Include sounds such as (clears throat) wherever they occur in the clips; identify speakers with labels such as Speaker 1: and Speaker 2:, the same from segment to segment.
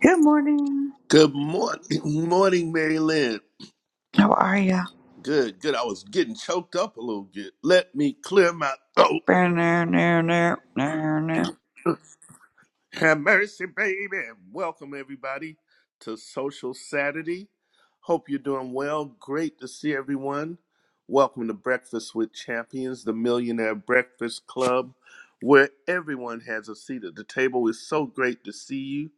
Speaker 1: Good morning.
Speaker 2: Good morning, (clears throat) morning, Mary Lynn.
Speaker 1: How are you?
Speaker 2: Good, good. I was getting choked up a little bit. Let me clear my (coughs) throat. (clears throat) Have mercy, baby. And welcome everybody to Social Saturday. Hope you're doing well. Great to see everyone. Welcome to Breakfast with Champions, the Millionaire Breakfast Club, where everyone has a seat at the table. It's so great to see you.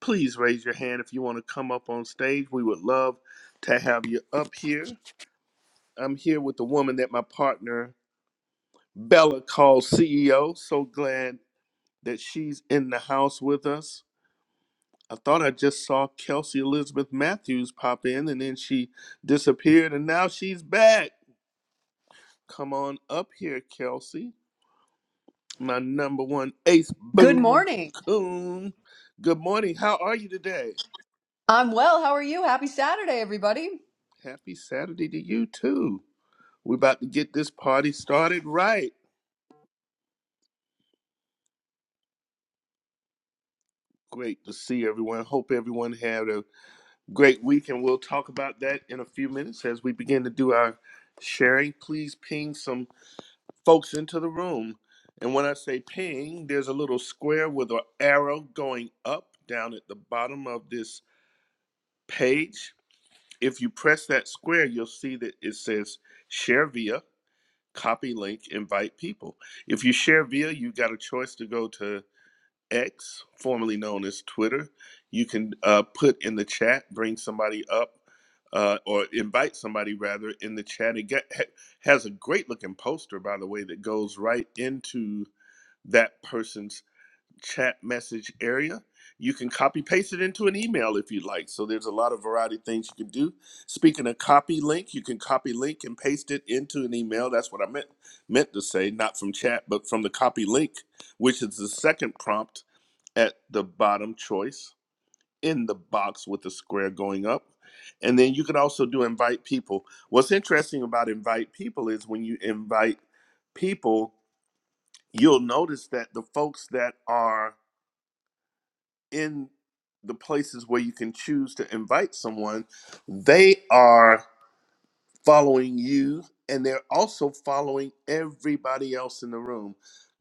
Speaker 2: Please raise your hand if you want to come up on stage. We would love to have you up here. I'm here with the woman that my partner Bella calls CEO. So glad that she's in the house with us. I thought I just saw Kelsey Elizabeth Matthews pop in and then she disappeared and now she's back. Come on up here, Kelsey. My number one ace
Speaker 3: Good
Speaker 2: boo
Speaker 3: morning.
Speaker 2: coon. Good morning. How are you today?
Speaker 3: I'm well. How are you? Happy Saturday, everybody.
Speaker 2: Happy Saturday to you too. We're about to get this party started right. Great to see everyone. Hope everyone had a great week, and we'll talk about that in a few minutes as we begin to do our sharing. Please ping some folks into the room. And when I say ping, there's a little square with an arrow going up down at the bottom of this page. If you press that square, you'll see that it says share via, copy link, invite people. If you share via, you've got a choice to go to X, formerly known as Twitter. You can uh, put in the chat, bring somebody up, uh, or invite somebody rather in the chat. It get, ha- has a great looking poster, by the way, that goes right into that person's chat message area. You can copy paste it into an email if you like. So there's a lot of variety of things you can do. Speaking of copy link, you can copy link and paste it into an email. That's what I meant meant to say, not from chat, but from the copy link, which is the second prompt at the bottom choice in the box with the square going up. And then you can also do invite people. What's interesting about invite people is when you invite people, you'll notice that the folks that are in the places where you can choose to invite someone, they are following you and they're also following everybody else in the room.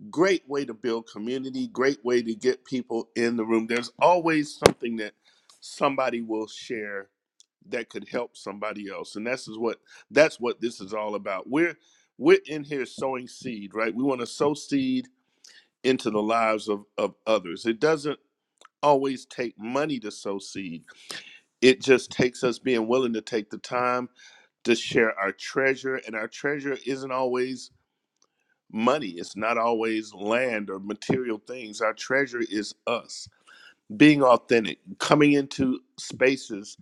Speaker 2: great way to build community, great way to get people in the room. There's always something that somebody will share that could help somebody else. And that's is what that's what this is all about. We're we're in here sowing seed, right? We want to sow seed into the lives of, of others. It doesn't always take money to sow seed. It just takes us being willing to take the time to share our treasure. And our treasure isn't always money. It's not always land or material things. Our treasure is us. Being authentic, coming into spaces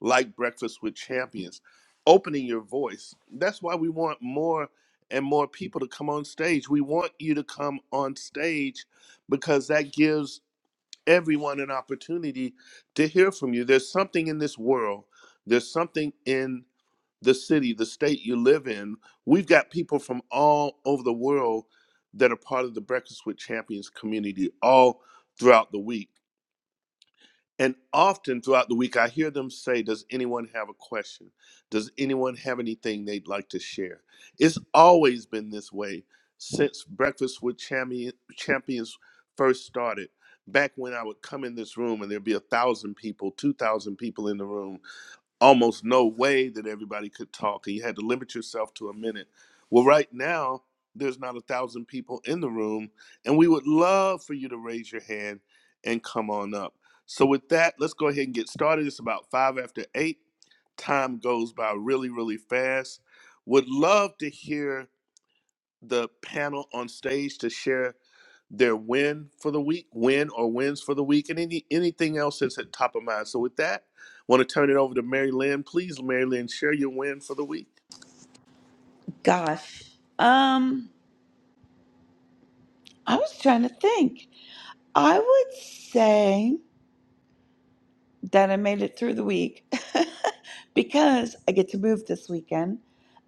Speaker 2: like Breakfast with Champions, opening your voice. That's why we want more and more people to come on stage. We want you to come on stage because that gives everyone an opportunity to hear from you. There's something in this world, there's something in the city, the state you live in. We've got people from all over the world that are part of the Breakfast with Champions community all throughout the week. And often throughout the week, I hear them say, Does anyone have a question? Does anyone have anything they'd like to share? It's always been this way since Breakfast with Champion- Champions first started. Back when I would come in this room and there'd be a thousand people, two thousand people in the room, almost no way that everybody could talk and you had to limit yourself to a minute well right now there's not a thousand people in the room and we would love for you to raise your hand and come on up so with that let's go ahead and get started it's about five after eight time goes by really really fast would love to hear the panel on stage to share their win for the week, win or wins for the week, and any anything else that's at top of mind. So with that, want to turn it over to Mary Lynn. Please, Mary Lynn, share your win for the week.
Speaker 1: Gosh. Um, I was trying to think. I would say that I made it through the week (laughs) because I get to move this weekend.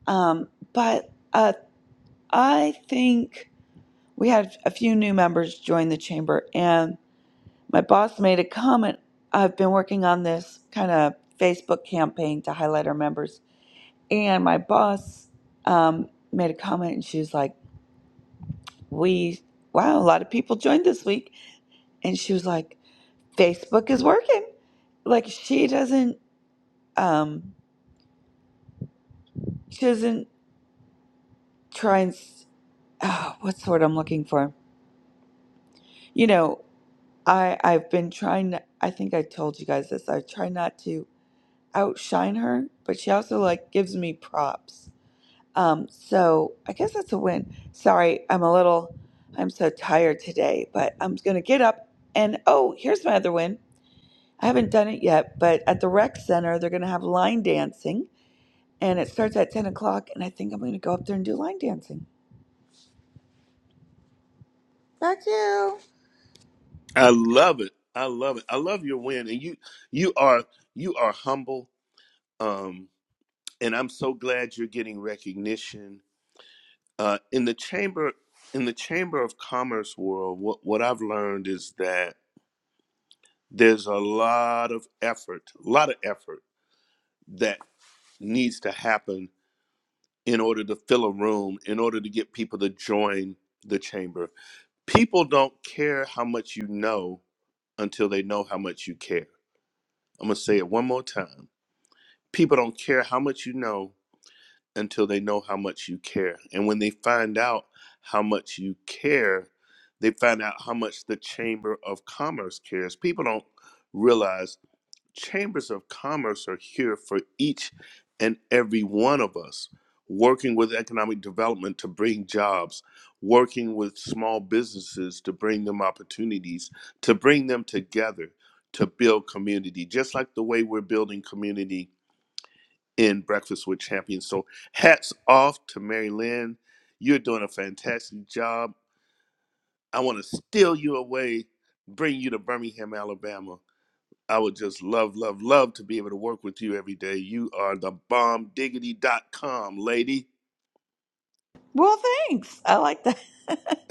Speaker 1: Um, but uh, I think we had a few new members join the chamber, and my boss made a comment. I've been working on this kind of Facebook campaign to highlight our members And my boss um, made a comment and she was like, We, wow, a lot of people joined this week. And she was like, Facebook is working. Like, she doesn't, um, she doesn't try and, s- ah, what's the word I'm looking for? You know, I, I've been trying, to- I think I told you guys this. I try not to outshine her, but she also like gives me props. Um, so I guess that's a win. Sorry, I'm a little, I'm so tired today, but I'm going to get up. And oh, here's my other win. I haven't done it yet, but at the rec center, they're going to have line dancing and it starts at 10 o'clock. And I think I'm going to go up there and do line dancing. Yeah.
Speaker 2: I love it. I love it. I love your win. And you you are you are humble. Um and I'm so glad you're getting recognition. Uh in the chamber in the chamber of commerce world, what what I've learned is that there's a lot of effort, a lot of effort that needs to happen in order to fill a room, in order to get people to join the chamber. People don't care how much you know until they know how much you care. I'm going to say it one more time. People don't care how much you know until they know how much you care. And when they find out how much you care, they find out how much the Chamber of Commerce cares. People don't realize chambers of commerce are here for each and every one of us, working with economic development to bring jobs, working with small businesses to bring them opportunities, to bring them together to build community, just like the way we're building community in Breakfast with Champions. So, hats off to Mary Lynn. You're doing a fantastic job. I want to steal you away, bring you to Birmingham, Alabama I would just love, love, love to be able to work with you every day. You are the bomb, Diggity dot com lady.
Speaker 1: Well, thanks. I like that. (laughs)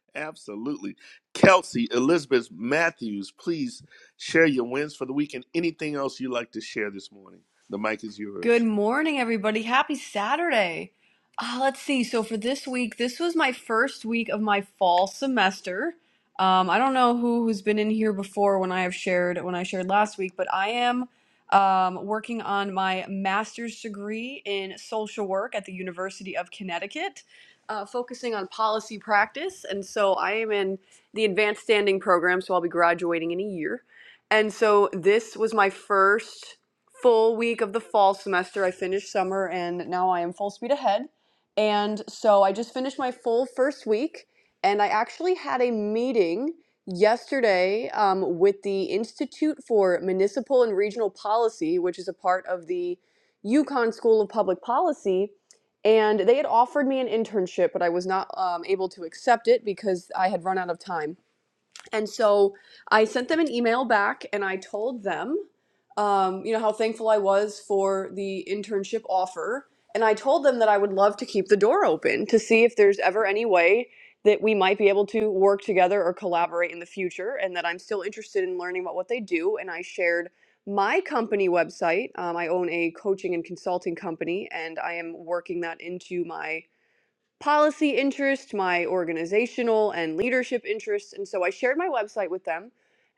Speaker 2: (laughs) Absolutely. Kelsey, Elizabeth Matthews, please share your wins for the week and anything else you'd like to share this morning. The mic is
Speaker 3: Good
Speaker 2: yours.
Speaker 3: morning, everybody. Happy Saturday. Uh, let's see. So, for this week, this was my first week of my fall semester. Um, I don't know who, who's been in here before when I have shared, when I shared last week, but I am um, working on my master's degree in social work at the University of Connecticut, uh, focusing on policy practice. And so, I am in the advanced standing program, so I'll be graduating in a year. And so, this was my first full week of the fall semester. I finished summer and now I am full speed ahead. And so I just finished my full first week and I actually had a meeting yesterday um, with the Institute for Municipal and Regional Policy, which is a part of the UConn School of Public Policy. And they had offered me an internship, but I was not um, able to accept it because I had run out of time. And so I sent them an email back and I told them, um, you know, how thankful I was for the internship offer. And I told them that I would love to keep the door open to see if there's ever any way that we might be able to work together or collaborate in the future and that I'm still interested in learning about what they do. And I shared my company website. Um, I own a coaching and consulting company and I am working that into my policy interest, my organizational and leadership interests. And so I shared my website with them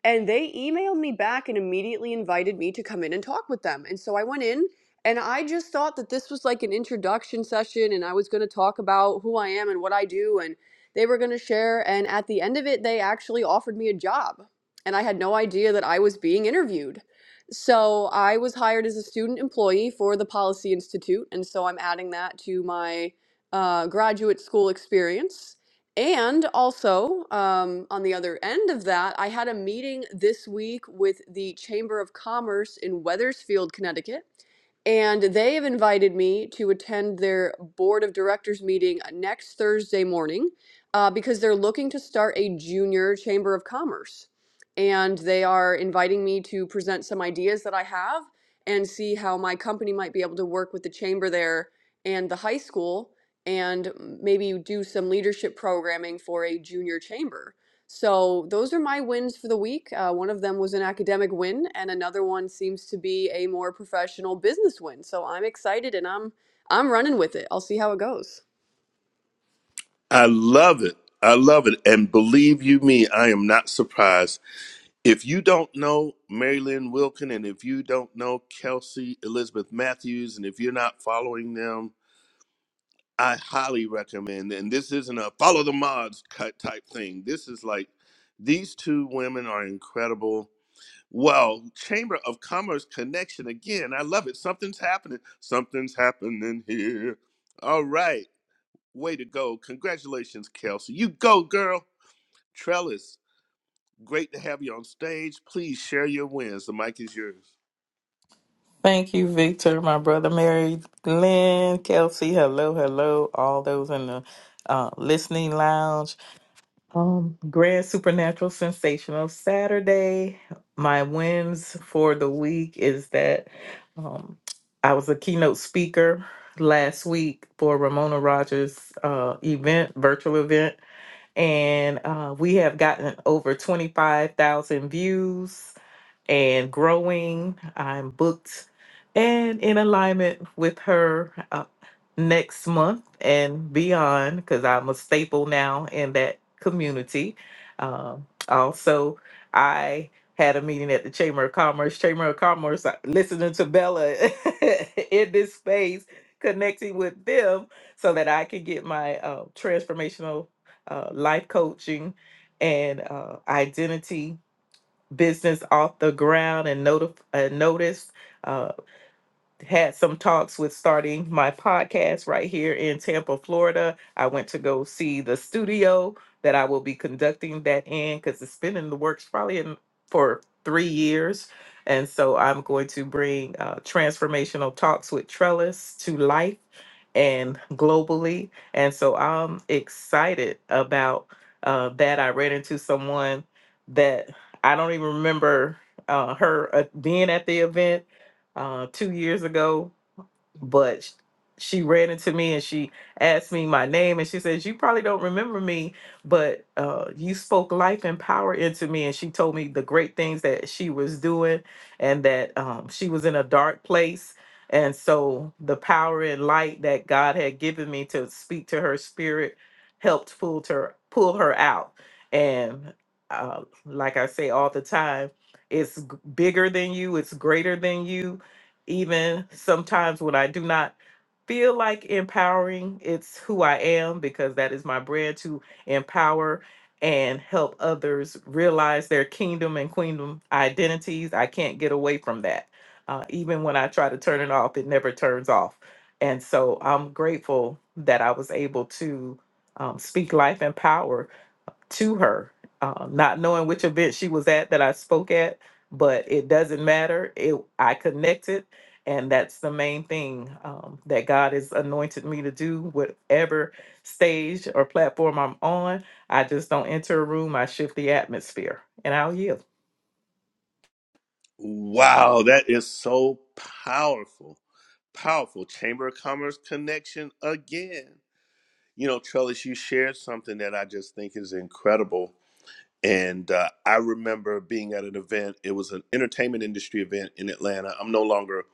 Speaker 3: and they emailed me back and immediately invited me to come in and talk with them. And so I went in and I just thought that this was like an introduction session and I was going to talk about who I am and what I do and they were going to share and at the end of it they actually offered me a job. And I had no idea that I was being interviewed. So I was hired as a student employee for the Policy Institute and so I'm adding that to my uh, graduate school experience. And also, um, on the other end of that, I had a meeting this week with the Chamber of Commerce in Weathersfield, Connecticut. And they have invited me to attend their board of directors meeting next Thursday morning uh, because they're looking to start a junior chamber of commerce. And they are inviting me to present some ideas that I have and see how my company might be able to work with the chamber there and the high school and maybe do some leadership programming for a junior chamber. So those are my wins for the week. Uh, one of them was an academic win, and another one seems to be a more professional business win. So I'm excited, and I'm I'm running with it. I'll see how it goes.
Speaker 2: I love it. I love it. And believe you me, I am not surprised. If you don't know Marilyn Wilkin and if you don't know Kelsey Elizabeth Matthews, and if you're not following them, I highly recommend, and this isn't a follow the mods cut type thing. This is like these two women are incredible. Well, Chamber of Commerce connection again. I love it. Something's happening. Something's happening here. All right. Way to go. Congratulations, Kelsey. You go, girl. Trellis, great to have you on stage. Please share your wins. The mic is yours.
Speaker 4: Thank you, Victor, my brother, Mary, Glenn, Kelsey. Hello, hello, all those in the uh, listening lounge. Um, Grand Supernatural Sensational Saturday. My wins for the week is that um, I was a keynote speaker last week for Ramona Rogers' uh, event, virtual event and uh, we have gotten over 25,000 views and growing. I'm booked and in alignment with her uh, next month and beyond because I'm a staple now in that community. Um, also, I had a meeting at the Chamber of Commerce. Chamber of Commerce, uh, listening to Bella (laughs) in this space, connecting with them so that I can get my uh, transformational uh, life coaching and uh, identity business off the ground and notif- uh, notice had some talks with starting my podcast right here in Tampa, Florida. I went to go see the studio that I will be conducting that in because it's been in the works probably in, for three years. And so I'm going to bring uh, transformational talks with Trellis to life and globally. And so I'm excited about uh, that. I ran into someone that I don't even remember uh, her uh, being at the event uh, two years ago, but sh- she ran into me and she asked me my name and she says, You probably don't remember me, but uh, you spoke life and power into me. And she told me the great things that she was doing and that um, she was in a dark place. And so the power and light that God had given me to speak to her spirit helped pull her pull her out. And uh, like I say all the time, it's g- bigger than you, it's greater than you, even sometimes when I do not feel like empowering, it's who I am because that is my brand to empower and help others realize their kingdom and queendom identities. I can't get away from that. Uh, even when I try to turn it off, it never turns off. And so I'm grateful that I was able to um, speak life and power to her, um, not knowing which event she was at that I spoke at, but it doesn't matter. It I connected, and that's the main thing um, that God has anointed me to do. Whatever stage or platform I'm on, I just don't enter a room. I shift the atmosphere, and I'll yield.
Speaker 2: Wow, that is so powerful. Powerful. Chamber of Commerce connection again You know, Trellis, you shared something that I just think is incredible. And uh, I remember being at an event, it was an entertainment industry event in Atlanta. I'm no longer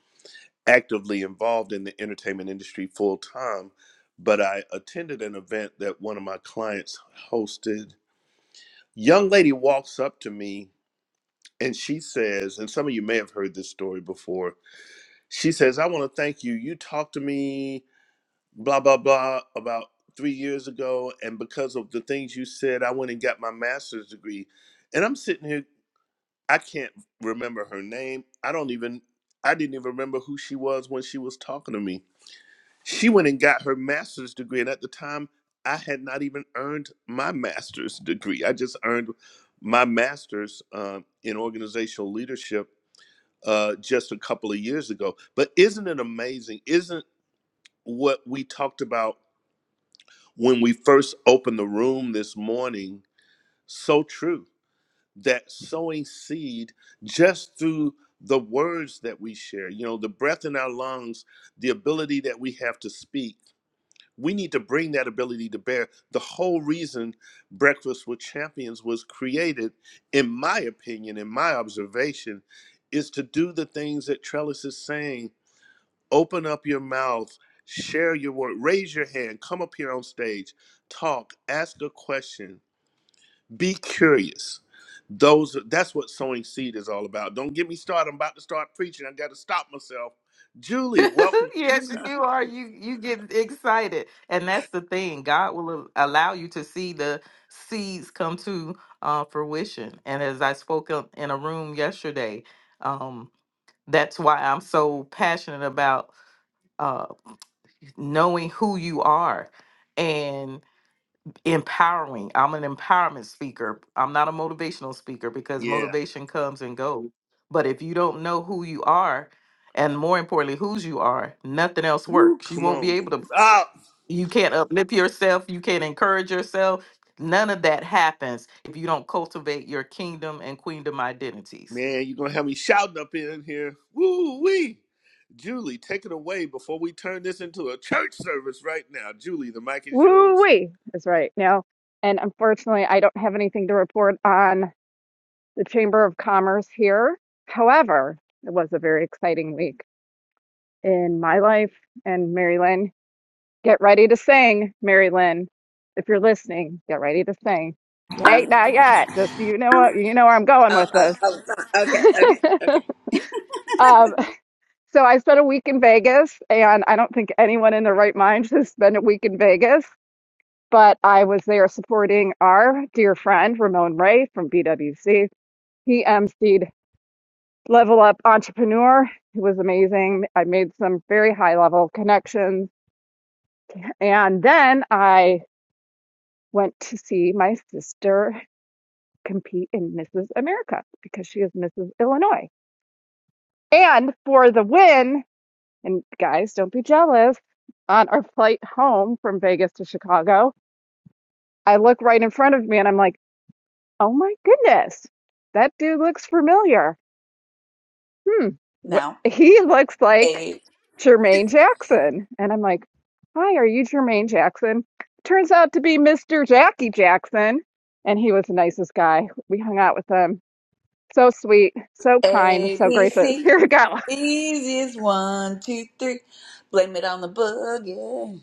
Speaker 2: actively involved in the entertainment industry full time, but I attended an event that one of my clients hosted. Young lady walks up to me and she says, and some of you may have heard this story before, she says, I want to thank you. You talked to me blah blah blah about three years ago and because of the things you said i went and got my master's degree and i'm sitting here i can't remember her name i don't even i didn't even remember who she was when she was talking to me she went and got her master's degree and at the time i had not even earned my master's degree i just earned my master's um, in organizational leadership uh, just a couple of years ago but isn't it amazing isn't what we talked about when we first opened the room this morning so true that sowing seed just through the words that we share, you know, the breath in our lungs, the ability that we have to speak. We need to bring that ability to bear. The whole reason Breakfast with Champions was created, in my opinion, in my observation, is to do the things that Trellis is saying open up your mouth, share your word, raise your hand, come up here on stage, talk, ask a question, be curious. Those that's what sowing seed is all about. Don't get me started. I'm about to start preaching. I got to stop myself. Julie, welcome.
Speaker 4: (laughs) yes, you are. You you get excited, and that's the thing. God will al- allow you to see the seeds come to uh, fruition. And as I spoke up in a room yesterday, um, that's why I'm so passionate about uh, knowing who you are empowering. I'm an empowerment speaker. I'm not a motivational speaker because
Speaker 2: Yeah.
Speaker 4: motivation comes and goes. But if you don't know who you are, and more importantly, whose you are, nothing else
Speaker 2: Woo,
Speaker 4: works. You
Speaker 2: come
Speaker 4: won't be
Speaker 2: on.
Speaker 4: able to,
Speaker 2: Ah,
Speaker 4: you can't uplift yourself, you can't encourage yourself. None of that happens if you don't cultivate your kingdom and queendom identities.
Speaker 2: man, you're gonna have me shouting up in here. Woo wee. Julie, take it away before we turn this into a church service right now. Julie, the mic is yours.
Speaker 5: Woo-wee is right now. And unfortunately, I don't have anything to report on the Chamber of Commerce here. However, it was a very exciting week in my life and Mary Lynn. Get ready to sing, Mary Lynn. If you're listening, get ready to sing. Hey, not yet. Just you know what you know where I'm going
Speaker 1: Oh,
Speaker 5: with
Speaker 1: oh,
Speaker 5: this.
Speaker 1: oh, okay, okay,
Speaker 5: (laughs)
Speaker 1: okay.
Speaker 5: um, so I spent a week in Vegas, and I don't think anyone in their right mind should spend a week in Vegas. but I was there supporting our dear friend Ramon Ray from BWC. He emceed Level Up Entrepreneur. It was amazing. I made some very high level connections. And then I went to see my sister compete in Mrs. America because she is Mrs. Illinois. And for the win, and guys, don't be jealous, on our flight home from Vegas to Chicago, I look right in front of me and I'm like, Oh my goodness. That dude looks familiar. Hmm. What
Speaker 1: now,
Speaker 5: he looks like
Speaker 1: A,
Speaker 5: Jermaine Jackson. And I'm like, Hi, are you Jermaine Jackson? Turns out to be Mr. Jackie Jackson. And he was the nicest guy. We hung out with him. So sweet, so kind,
Speaker 1: A,
Speaker 5: so
Speaker 1: B,
Speaker 5: gracious. (laughs)
Speaker 1: C.
Speaker 5: Here we go. (laughs)
Speaker 1: Easiest one, two, three. Blame it on the boogie.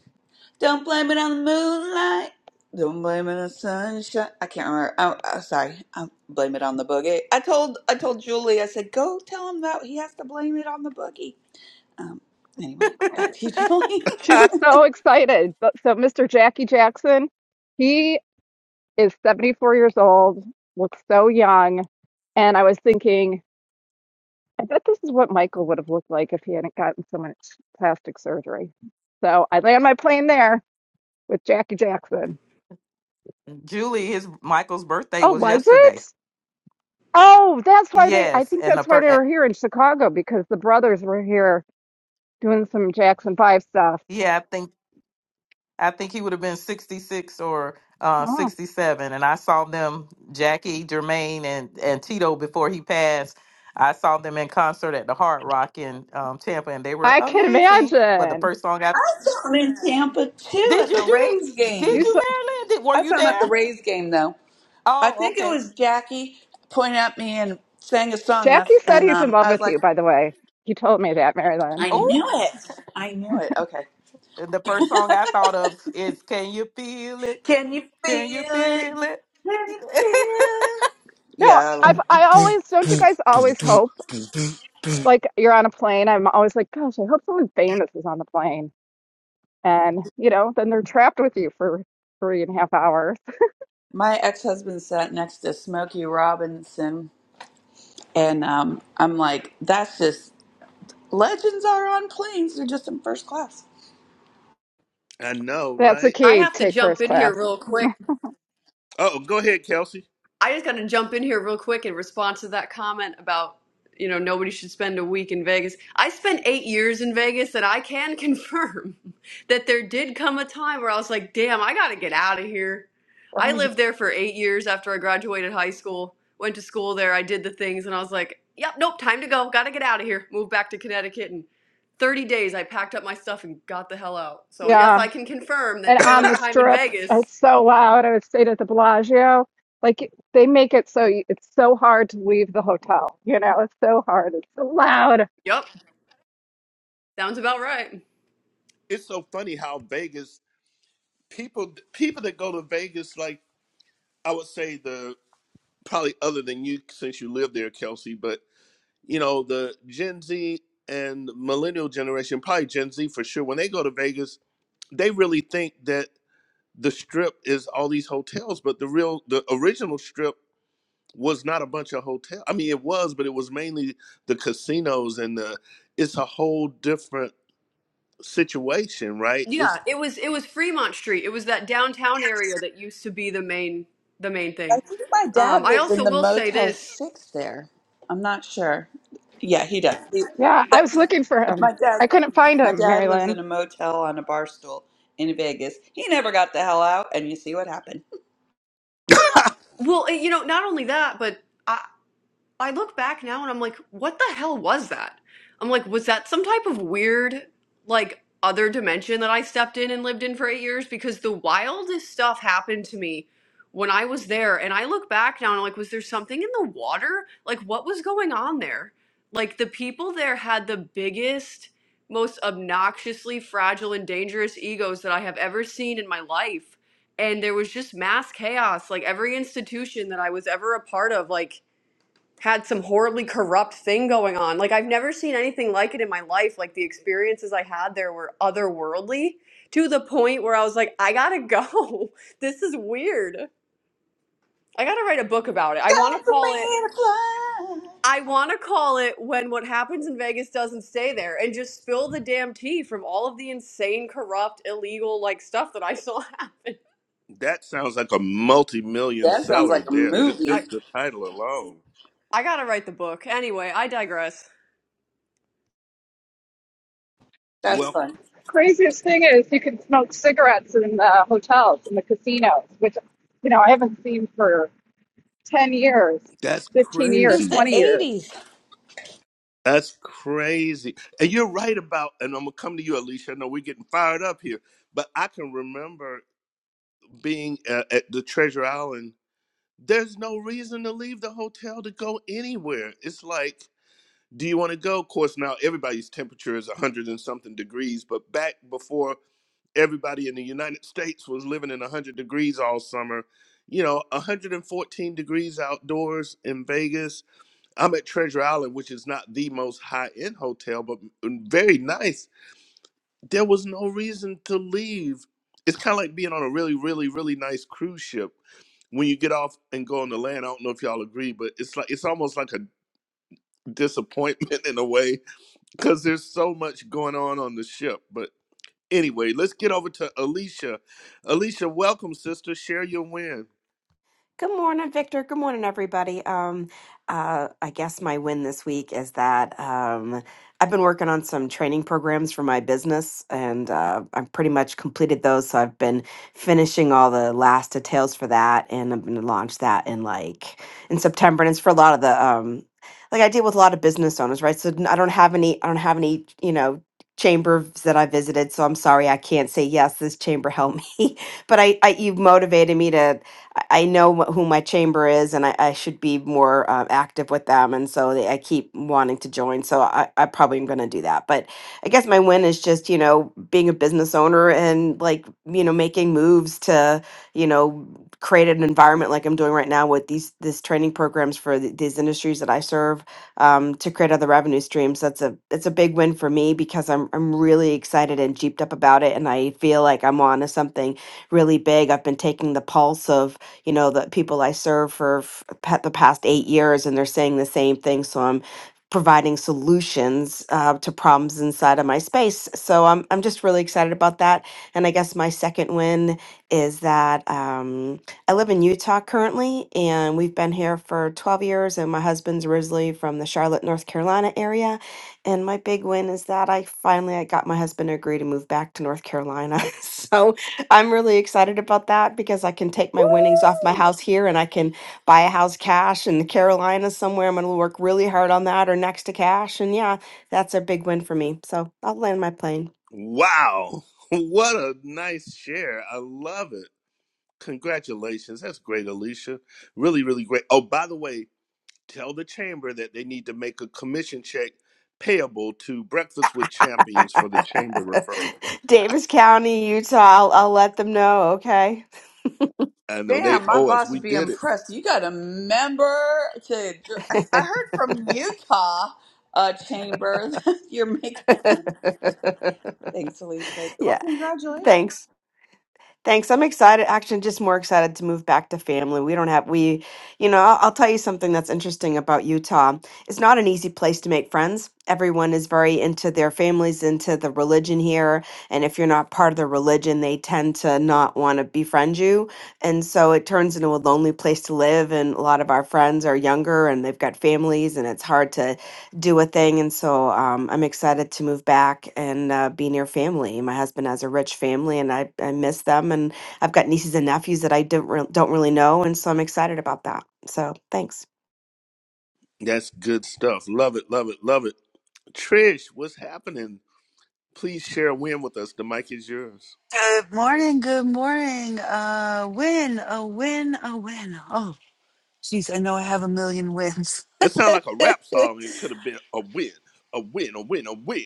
Speaker 1: Don't blame it on the moonlight. Don't blame it on the sunshine. I can't remember. I'm, I'm sorry. I blame it on the boogie. I told I told Julie. I said, go tell him that he has to blame it on the boogie. Um. Anyway, back to you, Julie. (laughs)
Speaker 5: She was so excited. But so Mr. Jackie Jackson, he is 74 years old, looks so young. And I was thinking, I bet this is what Michael would have looked like if he hadn't gotten so much plastic surgery. So I land my plane there with Jackie Jackson.
Speaker 4: Julie, his Michael's birthday
Speaker 5: Oh,
Speaker 4: was
Speaker 5: was
Speaker 4: yesterday.
Speaker 5: it? Oh, that's why they, I
Speaker 4: Yes,
Speaker 5: think
Speaker 4: and the
Speaker 5: that's why they
Speaker 4: per-
Speaker 5: were here in Chicago because the brothers were here doing some Jackson 5 stuff.
Speaker 4: yeah, I think I think he would have been 66 or uh,
Speaker 5: Oh,
Speaker 4: 67. And I saw them, Jackie, Jermaine, and, and Tito, before he passed. I saw them in concert at the Hard Rock in um, Tampa, and they were
Speaker 5: I can
Speaker 4: amazing. But the
Speaker 5: imagine.
Speaker 4: first song I
Speaker 1: I saw him in Tampa too
Speaker 4: did
Speaker 1: at the
Speaker 4: you do?
Speaker 1: Rays
Speaker 4: Did
Speaker 5: You
Speaker 1: game.
Speaker 4: you,
Speaker 5: so,
Speaker 4: Marilyn? Did, were
Speaker 1: I
Speaker 4: you
Speaker 1: saw him at the
Speaker 4: there?
Speaker 1: Rays game though. I
Speaker 4: Oh,
Speaker 1: think it
Speaker 4: okay.
Speaker 1: was Jackie pointed at me and sang a song.
Speaker 5: Jackie
Speaker 1: That's
Speaker 5: said
Speaker 1: and
Speaker 5: he's in
Speaker 1: um.
Speaker 5: love
Speaker 1: I was
Speaker 5: with
Speaker 1: like,
Speaker 5: you, by the way. He told me that, Marilyn.
Speaker 1: I
Speaker 4: Oh,
Speaker 1: knew it. I knew it. Okay.
Speaker 4: and the first song I thought of is "Can You Feel It?
Speaker 1: Can you feel
Speaker 4: Can You
Speaker 1: it?
Speaker 4: Feel It?"
Speaker 1: Can
Speaker 4: (laughs)
Speaker 1: you feel it?
Speaker 5: No,
Speaker 1: Yeah, I love
Speaker 5: I've,
Speaker 1: it.
Speaker 5: I always, don't you guys always hope? Like you're on a plane. I'm always like, gosh, I hope someone famous is on the plane. and you know then they're trapped with you for three and a half hours
Speaker 1: My ex husband sat next to Smokey Robinson, and um, I'm like, that's just legends are on planes. They're just in first class.
Speaker 2: I know,
Speaker 5: that's the
Speaker 2: right?
Speaker 3: I
Speaker 5: key
Speaker 3: have to
Speaker 5: take
Speaker 3: jump
Speaker 5: first
Speaker 3: in
Speaker 5: class
Speaker 3: here real quick
Speaker 2: Oh, go ahead, Kelsey.
Speaker 3: I just got to jump in here real quick in response to that comment about, you know, nobody should spend a week in Vegas. I spent eight years in Vegas, and I can confirm (laughs) that there did come a time where I was like, damn, I got to get out of here. I
Speaker 5: right
Speaker 3: lived there for eight years after I graduated high school, went to school there, I did the things, and I was like, yep, nope, time to go. Got to get out of here. Moved back to Connecticut. And 30 days, I packed up my stuff and got the hell out. So, yes,
Speaker 5: yeah
Speaker 3: I can confirm
Speaker 5: and
Speaker 3: that too
Speaker 5: on
Speaker 3: much
Speaker 5: the
Speaker 3: time in
Speaker 5: strip
Speaker 3: Vegas,
Speaker 5: it's so loud i stayed at the bellagio like they make it so you- it's so hard to leave the hotel you know it's so hard it's so loud
Speaker 3: yep, sounds about right.
Speaker 2: it's so funny how Vegas people people that go to Vegas like I would say the probably other than you since you live there, Kelsey, but you know the Gen Z and millennial generation, probably Gen Z for sure. When they go to Vegas, they really think that the Strip is all these hotels, but the real the original Strip was not a bunch of hotels I mean, it was, but it was mainly the casinos and the. It's a whole different situation, right?
Speaker 3: Yeah,
Speaker 2: It's
Speaker 3: it was it was Fremont Street. It was that downtown area that used to be the main the main
Speaker 1: I
Speaker 3: thing.
Speaker 1: think my dad
Speaker 3: Um, I
Speaker 1: lives in
Speaker 3: also
Speaker 1: the
Speaker 3: will say
Speaker 1: Motel
Speaker 3: this.
Speaker 1: 6 there. I'm not sure. Yeah, he does. He,
Speaker 5: yeah i
Speaker 1: that,
Speaker 5: was looking for him
Speaker 1: my
Speaker 5: i
Speaker 1: dad
Speaker 5: couldn't find
Speaker 1: my
Speaker 5: him mary
Speaker 1: dad lives in
Speaker 5: lynn
Speaker 1: a motel on a bar stool in Vegas. He never got the hell out, and you see what happened. (laughs)
Speaker 2: (laughs)
Speaker 3: Well, eh, you know, not only that, but I, I look back now and I'm like, what the hell was that? I'm like, was that some type of weird, like, other dimension that I stepped in and lived in for eight years? Because the wildest stuff happened to me when I was there. And I look back now and I'm like, was there something in the water? Like, what was going on there? Like, the people there had the biggest, most obnoxiously fragile and dangerous egos that I have ever seen in my life. And there was just mass chaos. Like, every institution that I was ever a part of, like, had some horribly corrupt thing going on. Like I've never seen anything like it in my life. Like the experiences I had there were otherworldly to the point where I was like, I gotta go. (laughs) This is weird. I gotta write a book about it. I wanna
Speaker 1: Come for me
Speaker 3: call it
Speaker 1: to fly.
Speaker 3: I wanna call it when what happens in Vegas doesn't stay there and just spill the damn tea from all of the insane, corrupt, illegal like stuff that I saw (laughs) happen.
Speaker 2: That sounds like a multi-million
Speaker 1: That sounds
Speaker 2: seller
Speaker 1: like a
Speaker 2: there. Just,
Speaker 3: I,
Speaker 1: movie.
Speaker 2: just the title alone.
Speaker 3: I gotta write the book. Anyway, I digress.
Speaker 1: That's
Speaker 2: Well,
Speaker 1: fun.
Speaker 5: craziest thing is you can smoke cigarettes in the hotels in the casinos which you know i haven't seen for 10 years
Speaker 2: that's
Speaker 5: 15 years
Speaker 1: Since
Speaker 2: crazy.
Speaker 1: the
Speaker 5: 20 years
Speaker 1: 80s.
Speaker 2: That's crazy. And you're right about. And I'm gonna come to you, Alicia. I know we're getting fired up here, but I can remember being uh, at the Treasure Island. There's no reason to leave the hotel to go anywhere. It's like, do you want to go? Of course, now everybody's temperature is 100 and something degrees, but back before everybody in the United States was living in 100 degrees all summer. You know, 114 degrees outdoors in Vegas. I'm at Treasure Island, which is not the most high end hotel, but very nice. There was no reason to leave. It's kind of like being on a really, really, really nice cruise ship. When you get off and go on the land, I don't know if y'all agree, but it's like it's almost like a disappointment (laughs) in a way because there's so much going on on the ship. but. Anyway, let's get over to Alicia. Alicia, welcome, sister. Share your win.
Speaker 6: Good morning, Victor. Good morning, everybody. Um, uh, I guess my win this week is that um, I've been working on some training programs for my business, and uh, I've pretty much completed those. So I've been finishing all the last details for that, and I'm going to launch that in like in September. And it's for a lot of the um, like I deal with a lot of business owners, right? So n- I don't have any. I don't have any. You know chambers that i visited so i'm sorry i can't say yes this chamber helped me (laughs) but I, I you've motivated me to I I know wh- who my chamber is, and I, I should be more uh, active with them. And so they, I keep wanting to join. So I, I probably am going to do that. But I guess my win is just, you know, being a business owner and like, you know, making moves to, you know, create an environment like I'm doing right now with these these training programs for th- these industries that I serve um, to create other revenue streams. That's a it's a big win for me because I'm I'm really excited and jeeped up about it, and I feel like I'm on to something really big. I've been taking the pulse of you know, the people I serve for f- pa- the past eight years, and they're saying the same thing. So I'm providing solutions uh, to problems inside of my space. So I'm I'm just really excited about that. And I guess my second win is that um, I live in Utah currently, and we've been here for 12 years. And my husband's originally from the Charlotte, North Carolina area. And my big win is that I finally I got my husband to agree to move back to North Carolina. (laughs) so I'm really excited about that because I can take my winnings off my house here and I can buy a house cash in the Carolinas somewhere. I'm going to work really hard on that or next to cash. And yeah, that's a big win for me. So I'll land my plane.
Speaker 2: Wow. (laughs) What a nice share. I love it. Congratulations. That's great, Alicia. Really, really great. Oh, by the way, tell the chamber that they need to make a commission check payable to Breakfast with
Speaker 6: (laughs)
Speaker 2: Champions for the chamber referral.
Speaker 6: Davis County, Utah. I'll, I'll let them know. Okay.
Speaker 2: I know they
Speaker 1: Damn, my
Speaker 2: owe us.
Speaker 1: boss
Speaker 2: We
Speaker 1: would be
Speaker 2: did it.
Speaker 1: impressed. You got a member to. I I heard from Utah uh, chamber that (laughs) you're making. (laughs)
Speaker 6: (laughs)
Speaker 1: Thanks, Alicia. Well,
Speaker 6: yeah.
Speaker 1: congratulations.
Speaker 6: Thanks. Thanks. I'm excited. Actually, just more excited to move back to family. We don't have, we, you know, I'll, I'll tell you something that's interesting about Utah. It's not an easy place to make friends. Everyone is very into their families, into the religion here. And if you're not part of the religion, they tend to not want to befriend you. And so it turns into a lonely place to live. And a lot of our friends are younger and they've got families, and it's hard to do a thing. And so um, I'm excited to move back and uh, be near family. My husband has a rich family and I, I miss them. And I've got nieces and nephews that I don't, re- don't really know. And so I'm excited about that. So thanks.
Speaker 2: That's good stuff. Love it, love it, love it. Trish, what's happening? Please share a win with us. The mic is yours.
Speaker 7: Good morning, good morning. Uh win, a win, a win. Oh, jeez, I know I have a million wins.
Speaker 2: That sounds like a rap song. It could have been a win, a win, a win, a win,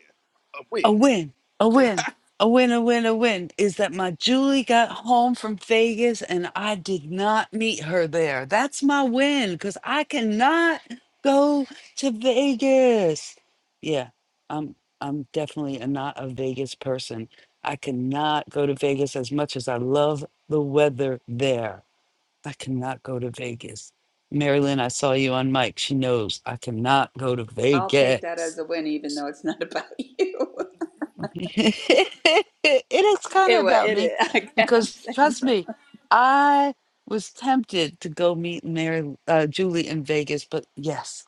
Speaker 2: a win.
Speaker 7: A win, a win, a win, a win, a win. Is that my Julie got home from Vegas and I did not meet her there. That's my win because I cannot go to Vegas. Yeah, I'm I'm definitely a, not a Vegas person. I cannot go to Vegas as much as I love the weather there. I cannot go to Vegas. Marilyn, I saw you on mic. She knows I cannot go to
Speaker 1: I'll take
Speaker 7: Vegas.
Speaker 1: that as a win, even though it's not about you. (laughs)
Speaker 7: (laughs) it is kind of
Speaker 1: Anyway,
Speaker 7: about
Speaker 1: it is.
Speaker 7: me
Speaker 1: (laughs) I
Speaker 7: because
Speaker 1: guess.
Speaker 7: trust me, I was tempted to go meet Mary uh, Julie in Vegas, but yes,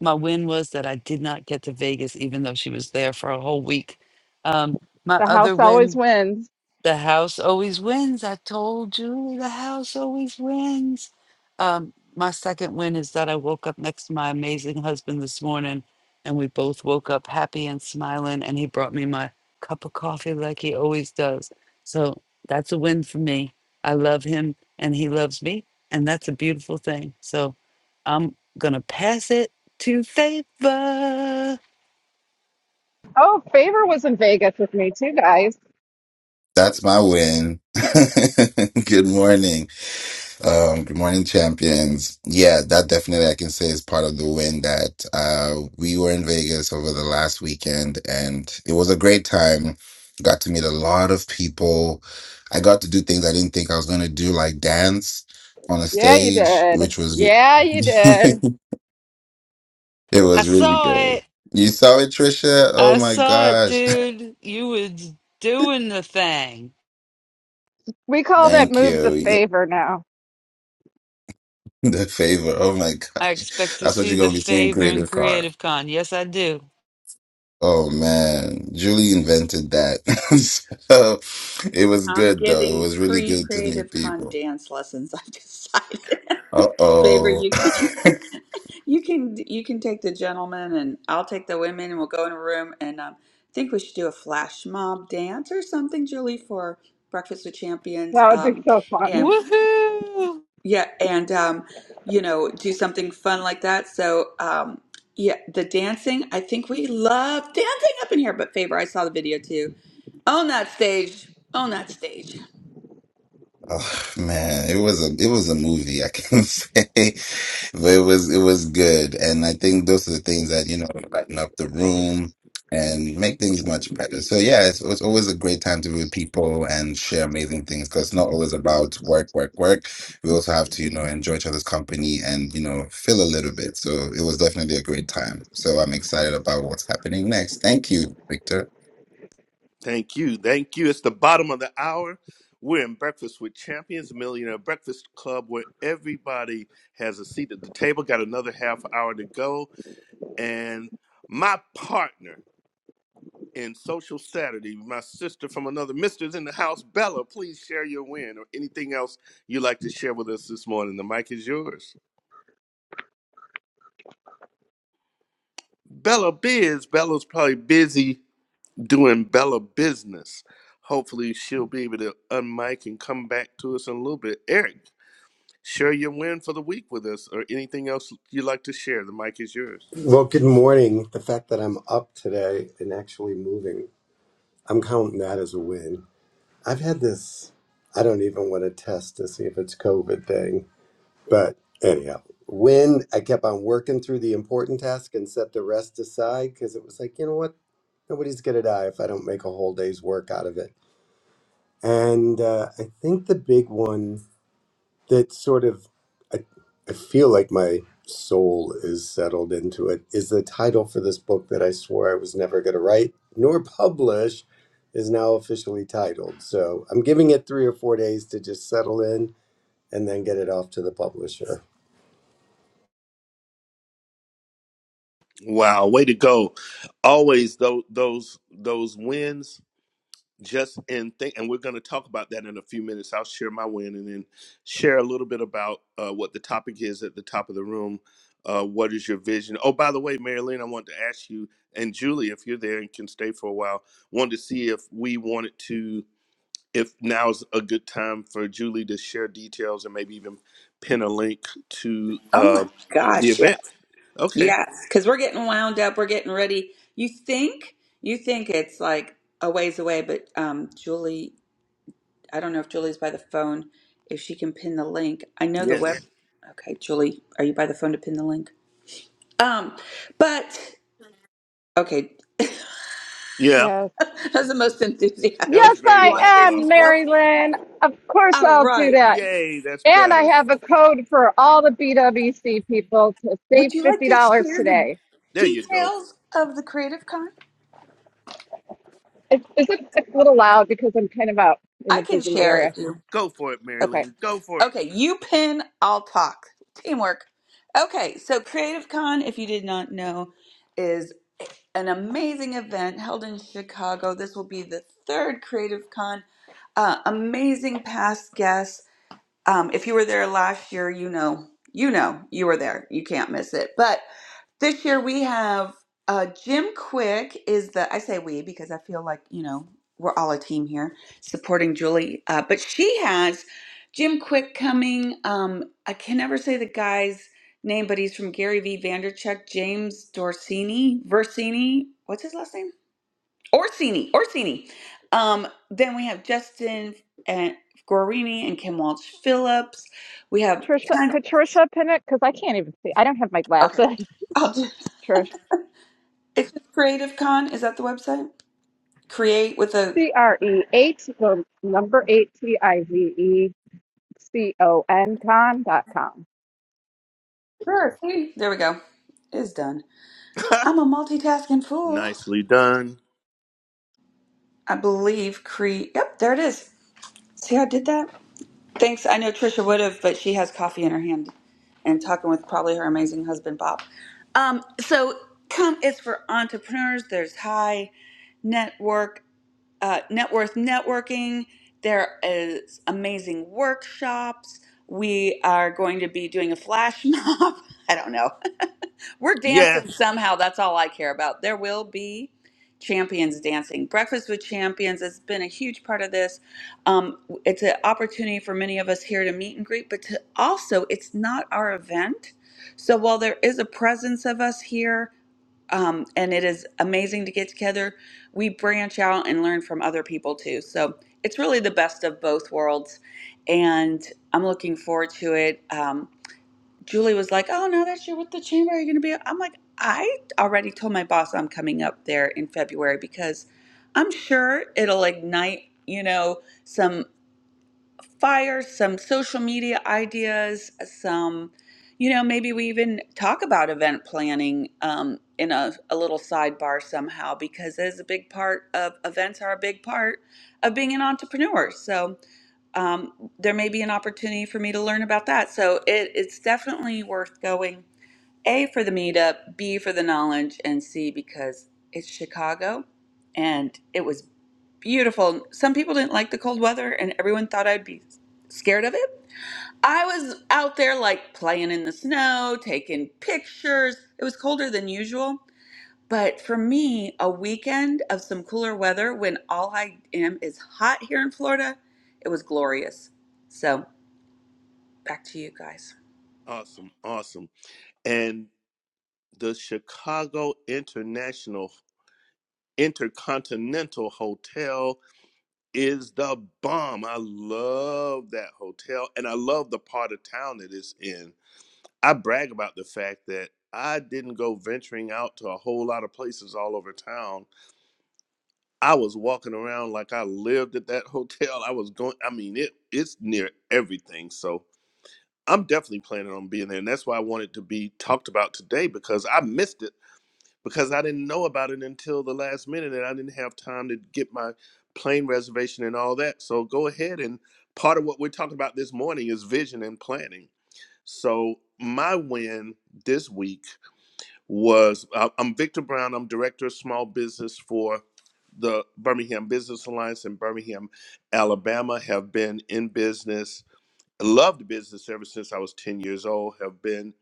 Speaker 7: my win was that I did not get to Vegas, even though she was there for a whole week. Um, my
Speaker 5: The house
Speaker 7: other win
Speaker 5: always wins.
Speaker 7: the house always wins. I told you the house always wins. Um, my second win is that I woke up next to my amazing husband this morning and we both woke up happy and smiling and he brought me my cup of coffee like he always does. So that's a win for me. I love him and he loves me and that's a beautiful thing. So I'm going to pass it to favor.
Speaker 5: Oh, Favor was in Vegas with me too, guys.
Speaker 8: That's my win. (laughs) good morning. Um, good morning, champions. Yeah, that definitely I can say is part of the win that uh, we were in Vegas over the last weekend and it was a great time. Got to meet a lot of people. I got to do things I didn't think I was going to do, like dance on a
Speaker 5: Yeah, you
Speaker 8: stage,
Speaker 5: did.
Speaker 8: which was,
Speaker 5: Yeah,
Speaker 8: (laughs)
Speaker 5: you did.
Speaker 8: it
Speaker 7: I
Speaker 8: was really
Speaker 7: saw it.
Speaker 8: good. You saw it, Trisha? Oh
Speaker 7: I
Speaker 8: my
Speaker 7: saw it,
Speaker 8: gosh.
Speaker 7: dude. You was doing the thing.
Speaker 5: We
Speaker 8: (laughs)
Speaker 5: call that
Speaker 8: Thank
Speaker 5: move the
Speaker 8: you.
Speaker 5: favor now.
Speaker 8: (laughs) The favor. Oh my
Speaker 7: I
Speaker 8: gosh.
Speaker 7: expect to
Speaker 8: That's what
Speaker 7: see
Speaker 8: you're
Speaker 7: the
Speaker 8: gonna be seeing
Speaker 7: favor in
Speaker 8: creative card.
Speaker 7: Creative Con. Yes, I do.
Speaker 8: Oh man. Julie invented that. (laughs) so it was
Speaker 1: I'm
Speaker 8: good though. It
Speaker 1: giving
Speaker 8: was really
Speaker 1: pre
Speaker 8: good to meet
Speaker 1: Creative Con
Speaker 8: people.
Speaker 1: dance lessons. I've decided.
Speaker 8: Uh
Speaker 1: (laughs) Favor, you can
Speaker 8: oh. (laughs)
Speaker 1: (laughs) you can you can take the gentlemen and I'll take the women and we'll go in a room and um, I think we should do a flash mob dance or something, Julie, for Breakfast with Champions.
Speaker 5: That would be
Speaker 1: Um,
Speaker 5: so fun.
Speaker 1: and Mhm.
Speaker 7: Woohoo!
Speaker 1: yeah, and um, you know, do something fun like that. So um, yeah, the dancing. I think we love dancing up in here. But Favor, I saw the video too. Own that stage. Own that stage.
Speaker 8: Oh man, it was a it was a movie, I can (laughs) say. But it was it was good. And I think those are the things that, you know, lighten up the room and make things much better. So yeah, it's, it's always a great time to be with people and share amazing things because it's not always about work, work, work. We also have to, you know, enjoy each other's company and, you know, feel a little bit. So it was definitely a great time. So I'm excited about what's happening next. Thank you, Victor.
Speaker 2: Thank you, thank you. It's the bottom of the hour. We're in Breakfast with Champions, a Millionaire Breakfast Club, where everybody has a seat at the table. Got another half hour to go. And my partner and Social Saturday. My sister from another mister's in the house. Bella, please share your win or anything else you'd like to share with us this morning. The mic is yours. Bella Biz. Bella's probably busy doing Bella business. Hopefully, she'll be able to unmic and come back to us in a little bit. Eric, share your win for the week with us or anything else you'd like to share. The mic is yours.
Speaker 9: Well, good morning. The fact that I'm up today and actually moving, I'm counting that as a win. I've had this, I don't even want to test to see if it's COVID thing, but anyhow, when I kept on working through the important task and set the rest aside because it was like, you know what? Nobody's going to die if I don't make a whole day's work out of it. And uh, I think the big one that sort of I, I feel like my soul is settled into it is the title for this book that I swore I was never going to write nor publish is now officially titled. So I'm giving it three or four days to just settle in and then get it off to the publisher.
Speaker 2: Wow, way to go. Always those those those wins just in think and we're going to talk about that in a few minutes i'll share my win and then share a little bit about uh, what the topic is at the top of the room uh, what is your vision oh by the way marilyn i want to ask you and julie if you're there and can stay for a while wanted to see if we wanted to if now's a good time for julie to share details and maybe even pin a link to
Speaker 1: Oh
Speaker 2: uh,
Speaker 1: my
Speaker 2: the
Speaker 1: gosh,
Speaker 2: event
Speaker 1: yes.
Speaker 2: okay
Speaker 1: Yes, because we're getting wound up, we're getting ready. You think you think it's like a ways away, but um Julie, I don't know if Julie's by the phone, if she can pin the link. I know the web
Speaker 2: yes
Speaker 1: Okay, Julie, are you by the phone to pin the link? Um, but okay,
Speaker 2: yeah
Speaker 5: Yes.
Speaker 1: (laughs) that's the most
Speaker 2: that was
Speaker 1: enthusiastic.
Speaker 5: Yes,
Speaker 1: (laughs) If
Speaker 2: very
Speaker 1: you
Speaker 5: I
Speaker 1: want to share
Speaker 5: am,
Speaker 2: lackluster
Speaker 1: details,
Speaker 5: Marilyn. Of course
Speaker 1: all
Speaker 5: I'll do
Speaker 1: right.
Speaker 5: that.
Speaker 2: yay that's
Speaker 5: And I
Speaker 2: better
Speaker 5: have a code for all the BWC people to save
Speaker 1: Would you like
Speaker 5: $50
Speaker 1: to share the
Speaker 5: today.
Speaker 2: there you go
Speaker 1: details of the Creative Con?
Speaker 5: Is, is it it's a little loud because I'm kind of out in a
Speaker 1: I can
Speaker 5: busy
Speaker 1: share
Speaker 5: area?
Speaker 1: if you.
Speaker 2: Go for it,
Speaker 5: Okay.
Speaker 2: Marilyn. Go for
Speaker 1: Okay, you pin, I'll talk. Teamwork. Okay, so Creative Con, if you did not know, is an amazing event held in Chicago. This will be the third Creative Con. Uh, amazing past guests. Um, if you were there last year, you know, you know, you were there. You can't miss it. But this year we have uh, Jim Quick is the I say we because I feel like you know we're all a team here supporting Julie, uh, but she has Jim Quick coming. Um, I can never say the guy's name, but he's from Gary V. Vanderchuk, James Dorsini, Versini. What's his last name? Orsini. Orsini. Um, then we have Justin and Gorini and Kim Walsh Phillips. We have
Speaker 5: Trisha,
Speaker 1: ton.
Speaker 5: could Trisha pin it? Because I can't even see. I don't have my
Speaker 1: Okay,
Speaker 5: glasses.
Speaker 1: I'll do.
Speaker 5: (laughs) Trish.
Speaker 1: It's Creative Con. Is that the website? create with a
Speaker 5: C R E eight the number eight T I V E C O N con dot com.
Speaker 1: Sure. see? there we go. It's done.
Speaker 2: it.
Speaker 1: I'm a multitasking
Speaker 2: (laughs)
Speaker 1: fool.
Speaker 2: Nicely done.
Speaker 1: I believe create. Yep, there it is. See how I did that? Thanks. I know Trisha would have, but she has coffee in her hand and talking with probably her amazing husband Bob. Um, so come it's for entrepreneurs. There's high network uh, net worth networking. There is amazing workshops. We are going to be doing a flash mob. (laughs) I don't know. We're dancing
Speaker 2: Yes.
Speaker 1: somehow. That's all I care about. There will be champions dancing. Breakfast with Champions has been a huge part of this. Um, it's an opportunity for many of us here to meet and greet, but to also, it's not our event. So while there is a presence of us here, um, and it is amazing to get together, we branch out and learn from other people too. So it's really the best of both worlds. And I'm looking forward to it. Um, Julie was like, "Oh no, that's your with the chamber. Are you going to be?" I'm like, "I already told my boss I'm coming up there in February because I'm sure it'll ignite, you know, some fires, some social media ideas, some, you know, maybe we even talk about event planning um, in a, a little sidebar somehow because it is a big part of events are a big part of being an entrepreneur. So." um, there may be an opportunity for me to learn about that. So it, it's definitely worth going. A for the meetup, B for the knowledge, and C because it's Chicago, and it was beautiful. Some people didn't like the cold weather, and everyone thought I'd be scared of it. I was out there like playing in the snow, taking pictures. It was colder than usual. But for me, a weekend of some cooler weather when all I am is hot here in Florida, it was glorious. So Back to you guys.
Speaker 2: Awesome. Awesome. And the Chicago International Intercontinental Hotel is the bomb. I love that hotel and I love the part of town that it's in. I brag about the fact that I didn't go venturing out to a whole lot of places all over town. I was walking around like I lived at that (laughs) hotel. I was going I mean it it's near everything. So I'm definitely planning on being there, and that's why I wanted to be talked about today because I missed it because I didn't know about it until the last minute, and I didn't have time to get my plane reservation and all that. So go ahead and part of what we're talking about this morning is vision and planning. So my win this week was I- I'm Victor Brown. I'm director of small business for the Birmingham Business Alliance in Birmingham, Alabama. Have been in business loved business ever since I was 10 years old, have been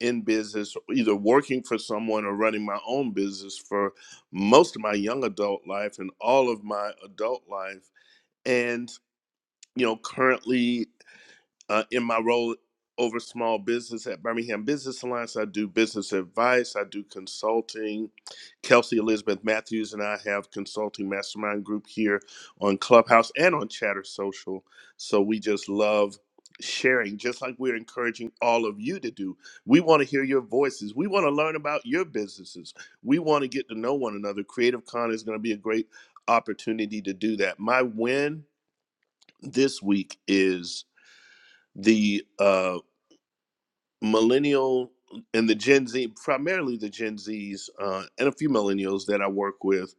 Speaker 2: in business, either working for someone or running my own business for most of my young adult life and all of my adult life. And, you know, currently uh, in my role over small business at Birmingham Business Alliance. I do business advice, I do consulting. Kelsey Elizabeth Matthews and I have consulting mastermind group here on Clubhouse and on Chatter Social. So we just love sharing just like we're encouraging all of you to do. We want to hear your voices. We want to learn about your businesses. We want to get to know one another. Creative Con is going to be a great opportunity to do that. My win this week is the uh millennial and the Gen Z, primarily the Gen Zs uh, and a few millennials that I work with,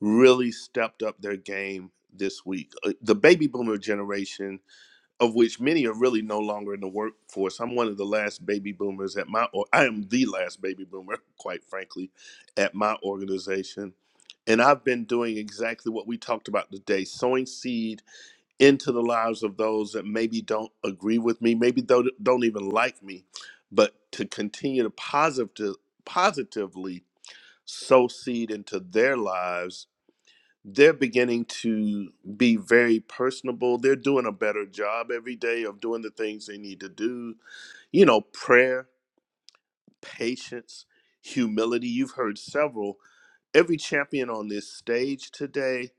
Speaker 2: really stepped up their game this week. Uh, The baby boomer generation, of which many are really no longer in the workforce. I'm one of the last baby boomers at my, or I am the last baby boomer, (laughs) quite frankly, at my organization. And I've been doing exactly what we talked about today sowing seed into the lives of those that maybe don't agree with me, maybe don't, don't even like me, but to continue to positive, positively sow seed into their lives. They're beginning to be very personable. They're doing a better job every day of doing the things they need to do. You know, prayer, patience, humility. You've heard several. Every champion on this stage today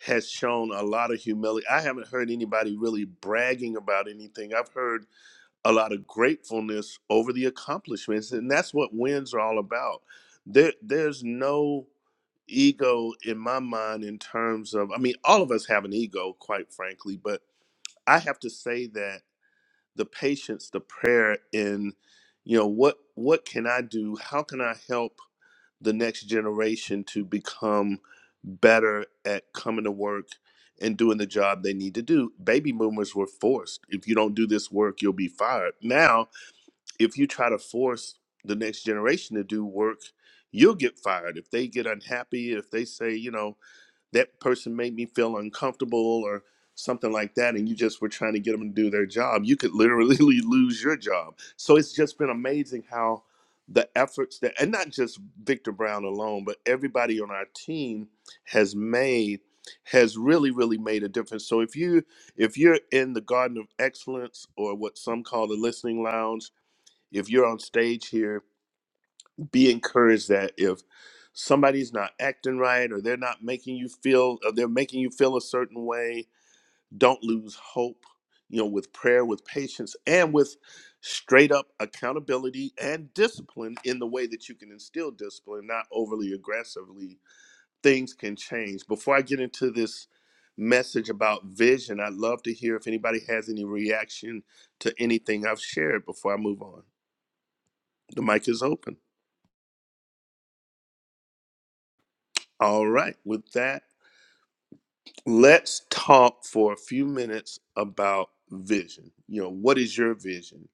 Speaker 2: has shown a lot of humility. I haven't heard anybody really bragging about anything. I've heard a lot of gratefulness over the accomplishments, and that's what wins are all about. There, there's no ego in my mind in terms of, I mean, all of us have an ego, quite frankly, but I have to say that the patience, the prayer, and you know what what can I do? How can I help? the next generation to become better at coming to work and doing the job they need to do. Baby boomers were forced. If you don't do this work, you'll be fired. Now, if you try to force the next generation to do work, you'll get fired. If they get unhappy, if they say, you know, that person made me feel uncomfortable or something like that and you just were trying to get them to do their job you could literally (laughs) lose your job so it's just been amazing how the efforts that and not just victor brown alone but everybody on our team has made has really really made a difference so if you if you're in the garden of excellence or what some call the listening lounge if you're on stage here be encouraged that if somebody's not acting right or they're not making you feel or they're making you feel a certain way don't lose hope you know with prayer with patience and with straight up accountability and discipline in the way that you can instill discipline not overly aggressively things can change before i get into this message about vision i'd love to hear if anybody has any reaction to anything i've shared before i move on the mic is open all right with that Let's talk for a few minutes about vision. You know, what is your vision?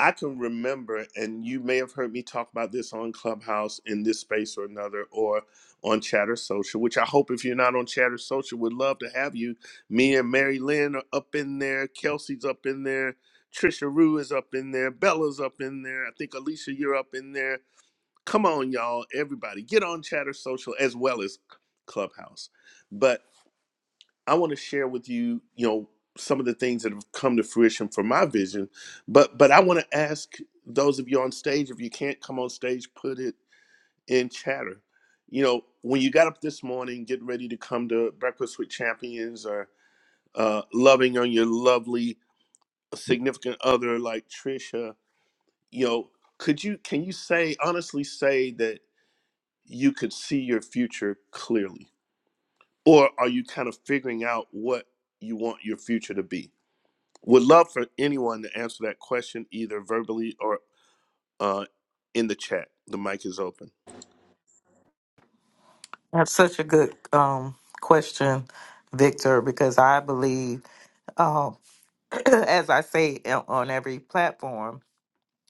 Speaker 2: I can remember, and you may have heard me talk about this on Clubhouse in this space or another, or on Chatter Social, which I hope if you're not on Chatter Social, would love to have you. Me and Mary Lynn are up in there, Kelsey's up in there, Trisha Rue is up in there, Bella's up in there. I think Alicia, you're up in there. Come on, y'all, everybody, get on Chatter Social as well as Clubhouse. But I want to share with you, you know, some of the things that have come to fruition for my vision. But but I want to ask those of you on stage, if you can't come on stage, put it in chatter. You know, when you got up this morning, getting ready to come to Breakfast with Champions or uh, loving on your lovely significant other like Trisha, you know, could you can you say honestly say that you could see your future clearly? Or are you kind of figuring out what you want your future to be? Would love for anyone to answer that question either verbally or uh, in the chat. The mic is open.
Speaker 4: That's such a good um, question, Victor, because I believe. um, (clears throat) as I say on every platform,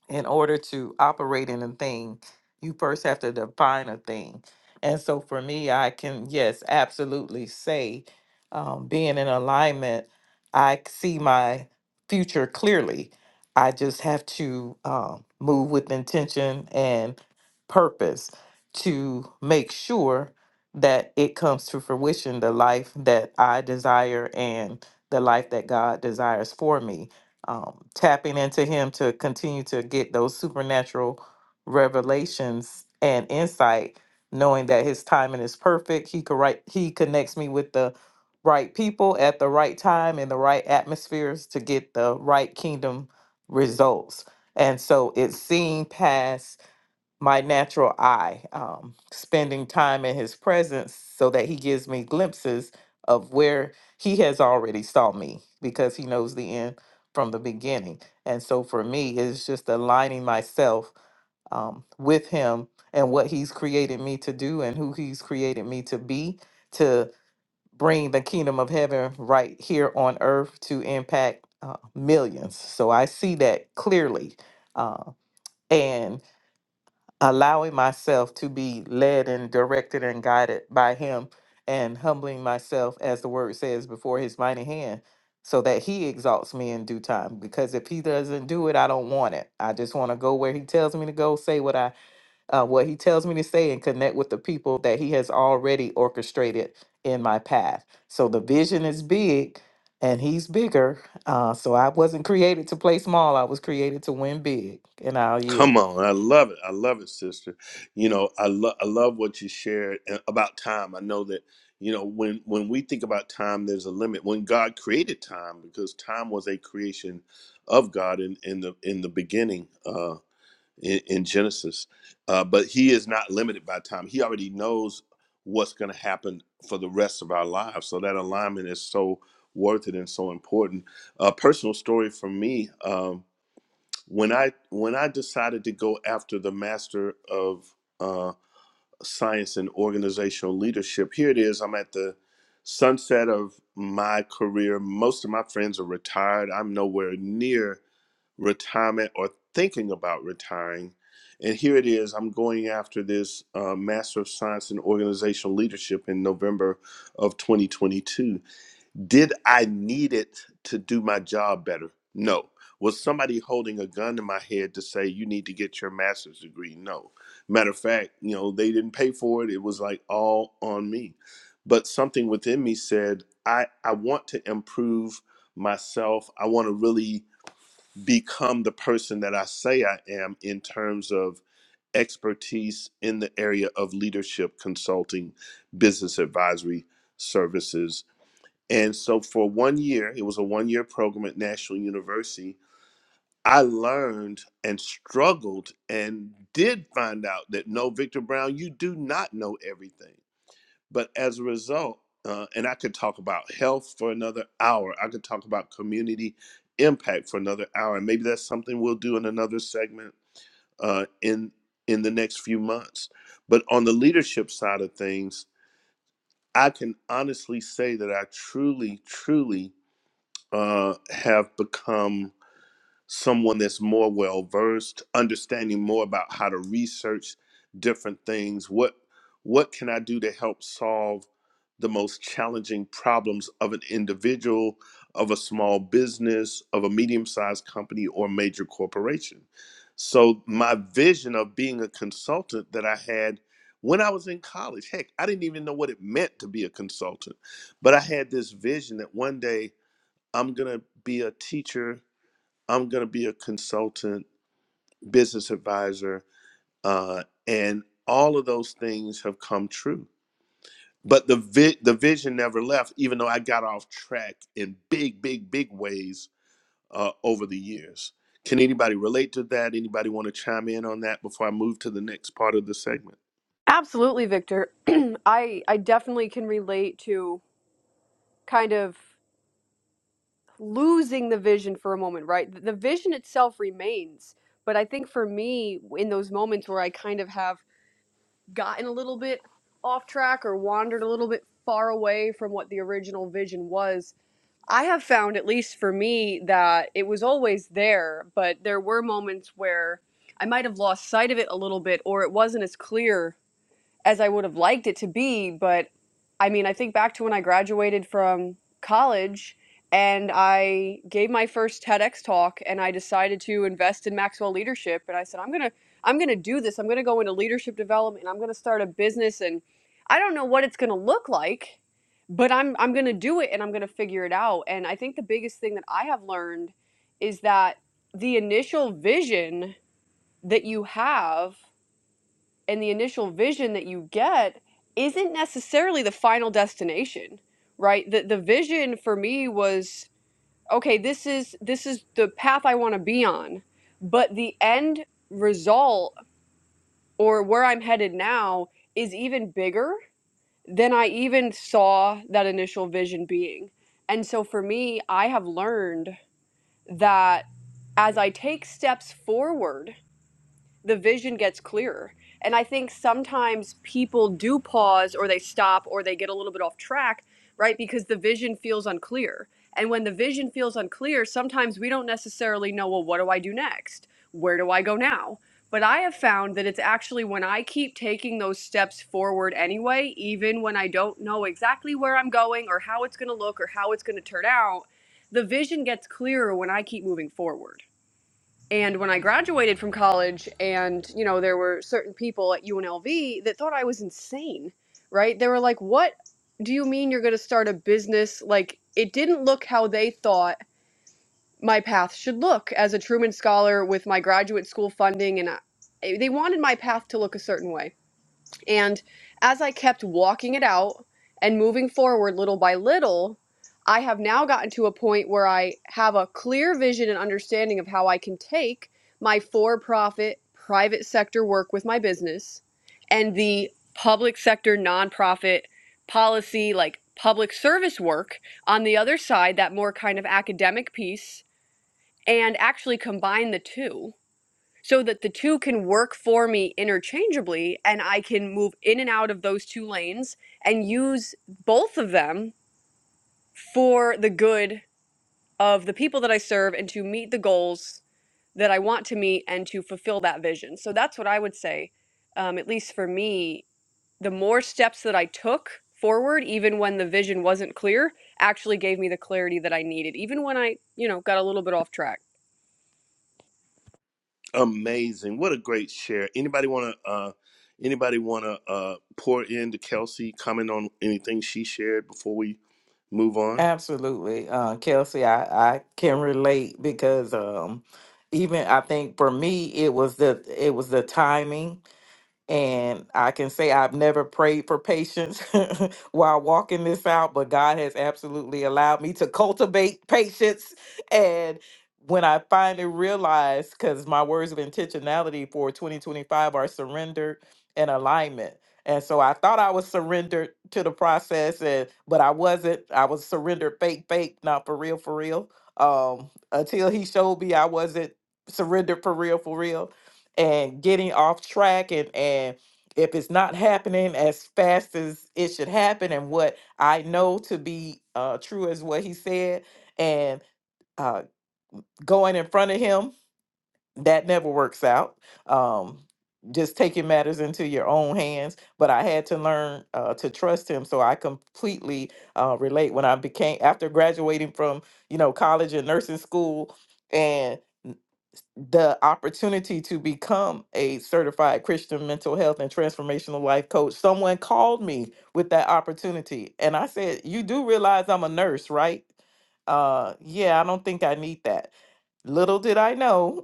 Speaker 4: in order to operate in a thing, you first have to define a thing. And so for me, I can, yes, absolutely say, um, being in alignment, I c- see my future clearly. I just have to um, move with intention and purpose to make sure that it comes to fruition the life that I desire and the life that God desires for me um, tapping into him to continue to get those supernatural revelations and insight, knowing that his timing is perfect. He could write, he connects me with the right people at the right time in the right atmospheres to get the right kingdom results. And so it's seeing past my natural eye, um, spending time in his presence so that he gives me glimpses of where he has already saw me because he knows the end from the beginning. And so for me, it's just aligning myself um, with him and what he's created me to do and who he's created me to be to bring the kingdom of heaven right here on earth to impact uh, millions. So I see that clearly. Uh, and allowing myself to be led and directed and guided by him and humbling myself as the word says before his mighty hand so that he exalts me in due time because if he doesn't do it i don't want it i just want to go where he tells me to go say what i uh, what he tells me to say and connect with the people that he has already orchestrated in my path so the vision is big and he's bigger uh, so i wasn't created to play small i was created to win big and i'll yield
Speaker 2: Come on, I love it. I love it, sister. You know, I love I love what you shared uh, about time. I know that you know when when we think about time, there's a limit. When God created time, because time was a creation of God in in the in the beginning. Uh, in, in Genesis. Uh, but he is not limited by time. He already knows what's going to happen for the rest of our lives. So that alignment is so worth it and so important. A personal story for me: um, when I when I decided to go after the master of uh, science and organizational leadership. Here it is. I'm at the sunset of my career. Most of my friends are retired. I'm nowhere near retirement or thinking about retiring. And here it is. I'm going after this uh, Master of Science in Organizational Leadership in November of 2022. Did I need it to do my job better? No. Was somebody holding a gun to my head to say you need to get your master's degree? No. Matter of fact, you know, they didn't pay for it. It was like all on me. But something within me said, I, I want to improve myself. I want to really become the person that I say I am in terms of expertise in the area of leadership consulting, business advisory services, and so for one year, it was a one year program at National University. I learned and struggled and did find out that no, Victor Brown, you do not know everything. But as a result, uh, and I could talk about health for another hour, I could talk about community impact for another hour. And maybe that's something we'll do in another segment uh, in in the next few months. But on the leadership side of things, I can honestly say that I truly, truly uh, have become someone that's more well versed, understanding more about how to research different things. What what can I do to help solve the most challenging problems of an individual, of a small business, of a medium sized company, or major corporation? So my vision of being a consultant that I had when I was in college, heck, I didn't even know what it meant to be a consultant, but I had this vision that one day I'm going to be a teacher. I'm going to be a consultant, business advisor, uh, and all of those things have come true. But the vi- the vision never left, even though I got off track in big, big, big ways uh, over the years. Can anybody relate to that? Anybody want to chime in on that before I move to the next part of the segment?
Speaker 3: Absolutely, Victor. (clears throat) I I definitely can relate to kind of losing the vision for a moment, right? The vision itself remains. But I think for me, in those moments where I kind of have gotten a little bit off track or wandered a little bit far away from what the original vision was, I have found, at least for me, that it was always there, but there were moments where I might have lost sight of it a little bit or it wasn't as clear as I would have liked it to be. But I mean, I think back to when I graduated from college and I gave my first TEDx talk and I decided to invest in Maxwell leadership and I said I'm going to I'm going to do this. I'm going to go into leadership development. and I'm going to start a business and I don't know what it's going to look like, but I'm I'm going to do it and I'm going to figure it out. And I think the biggest thing that I have learned is that the initial vision that you have and the initial vision that you get isn't necessarily the final destination right the the vision for me was okay this is this is the path i want to be on but the end result or where i'm headed now is even bigger than i even saw that initial vision being and so for me i have learned that as i take steps forward the vision gets clearer. And I think sometimes people do pause or they stop or they get a little bit off track, right? Because the vision feels unclear. And when the vision feels unclear, sometimes we don't necessarily know, well, what do I do next? Where do I go now? But I have found that it's actually when I keep taking those steps forward anyway, even when I don't know exactly where I'm going or how it's going to look or how it's going to turn out, the vision gets clearer when I keep moving forward. And when I graduated from college, and you know, there were certain people at UNLV that thought I was insane, right? They were like, "What do you mean you're going to start a business?" Like, it didn't look how they thought my path should look as a Truman Scholar with my graduate school funding, and I, they wanted my path to look a certain way. And as I kept walking it out and moving forward little by little, I have now gotten to a point where I have a clear vision and understanding of how I can take my for profit private sector work with my business and the public sector nonprofit policy, like public service work on the other side, that more kind of academic piece, and actually combine the two so that the two can work for me interchangeably and I can move in and out of those two lanes and use both of them for the good of the people that I serve and to meet the goals that I want to meet and to fulfill that vision. So that's what I would say, um, at least for me, the more steps that I took forward, even when the vision wasn't clear, actually gave me the clarity that I needed, even when I, you know, got a little bit off track.
Speaker 2: Amazing. What a great share. Anybody want to uh anybody want to uh pour into Kelsey comment on anything she shared before we move on?
Speaker 4: Absolutely. Uh, Kelsey, I, I can relate because um, even I think for me it was the it was the timing and I can say I've never prayed for patience (laughs) while walking this out, but God has absolutely allowed me to cultivate (laughs) patience. And when I finally realized, because my words of intentionality for 2025 are surrender and alignment. And so I thought I was surrendered to the process, and but I wasn't. I was surrendered fake, fake, not for real, for real. Um, until he showed me I wasn't surrendered for real, for real and getting off track and and if it's not happening as fast as it should happen and what i know to be uh true is what he said and uh going in front of him that never works out um just taking matters into your own hands but i had to learn uh, to trust him so i completely uh, relate when i became after graduating from you know college and nursing school and the opportunity to become a certified Christian mental health and transformational life coach. Someone called me with that opportunity, and I said, "You do realize I'm a nurse, right?" Uh, yeah, I don't think I need that. Little did I know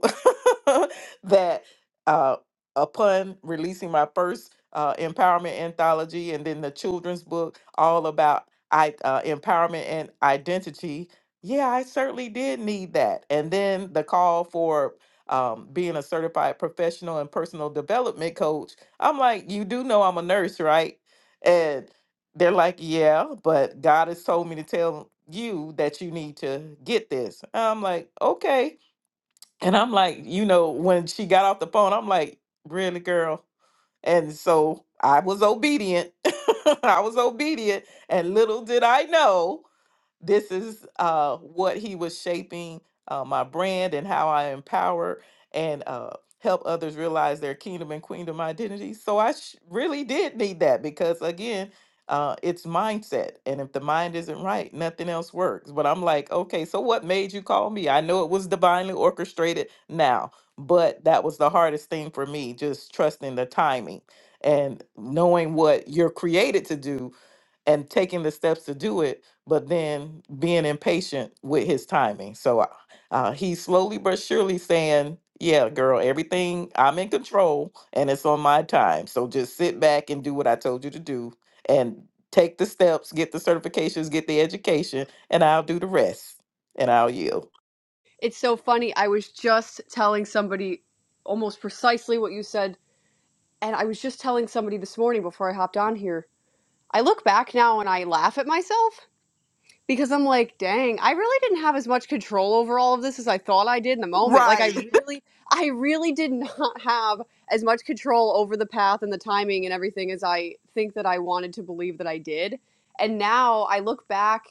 Speaker 4: (laughs) that uh, upon releasing my first uh, empowerment anthology and then the children's book, all about I, uh, empowerment and identity, yeah, I certainly did need that. And then the call for um, being a certified professional and personal development coach, I'm like, you do know I'm a nurse, right? And they're like, yeah, but God has told me to tell you that you need to get this. I'm like, okay and I'm like, you know, when she got off the phone, I'm like, really, girl? And so I was obedient. (laughs) I was obedient. And little did I know this is uh, what he was shaping uh, my brand and how I empower and uh, help others realize their kingdom and queendom identity. So I sh- really did need that because, again, uh, it's mindset. And if the mind isn't right, nothing else works. But I'm like, okay, so what made you call me? I know it was divinely orchestrated now, but that was the hardest thing for me, just trusting the timing and knowing what you're created to do and taking the steps to do it, but then being impatient with his timing. So uh, uh, he's slowly but surely saying, Yeah, girl, everything I'm in control and it's on my time. So just sit back and do what I told you to do and take the steps, get the certifications, get the education, and I'll do the rest and I'll yield.
Speaker 3: It's so funny. I was just telling somebody almost precisely what you said. And I was just telling somebody this morning before I hopped on here. I look back now and I laugh at myself because I'm like, dang, I really didn't have as much control over all of this as I thought I did in the moment. Like I
Speaker 4: Right. (laughs)
Speaker 3: Right. really I really did not have as much control over the path and the timing and everything as I think that I wanted to believe that I did. And now I look back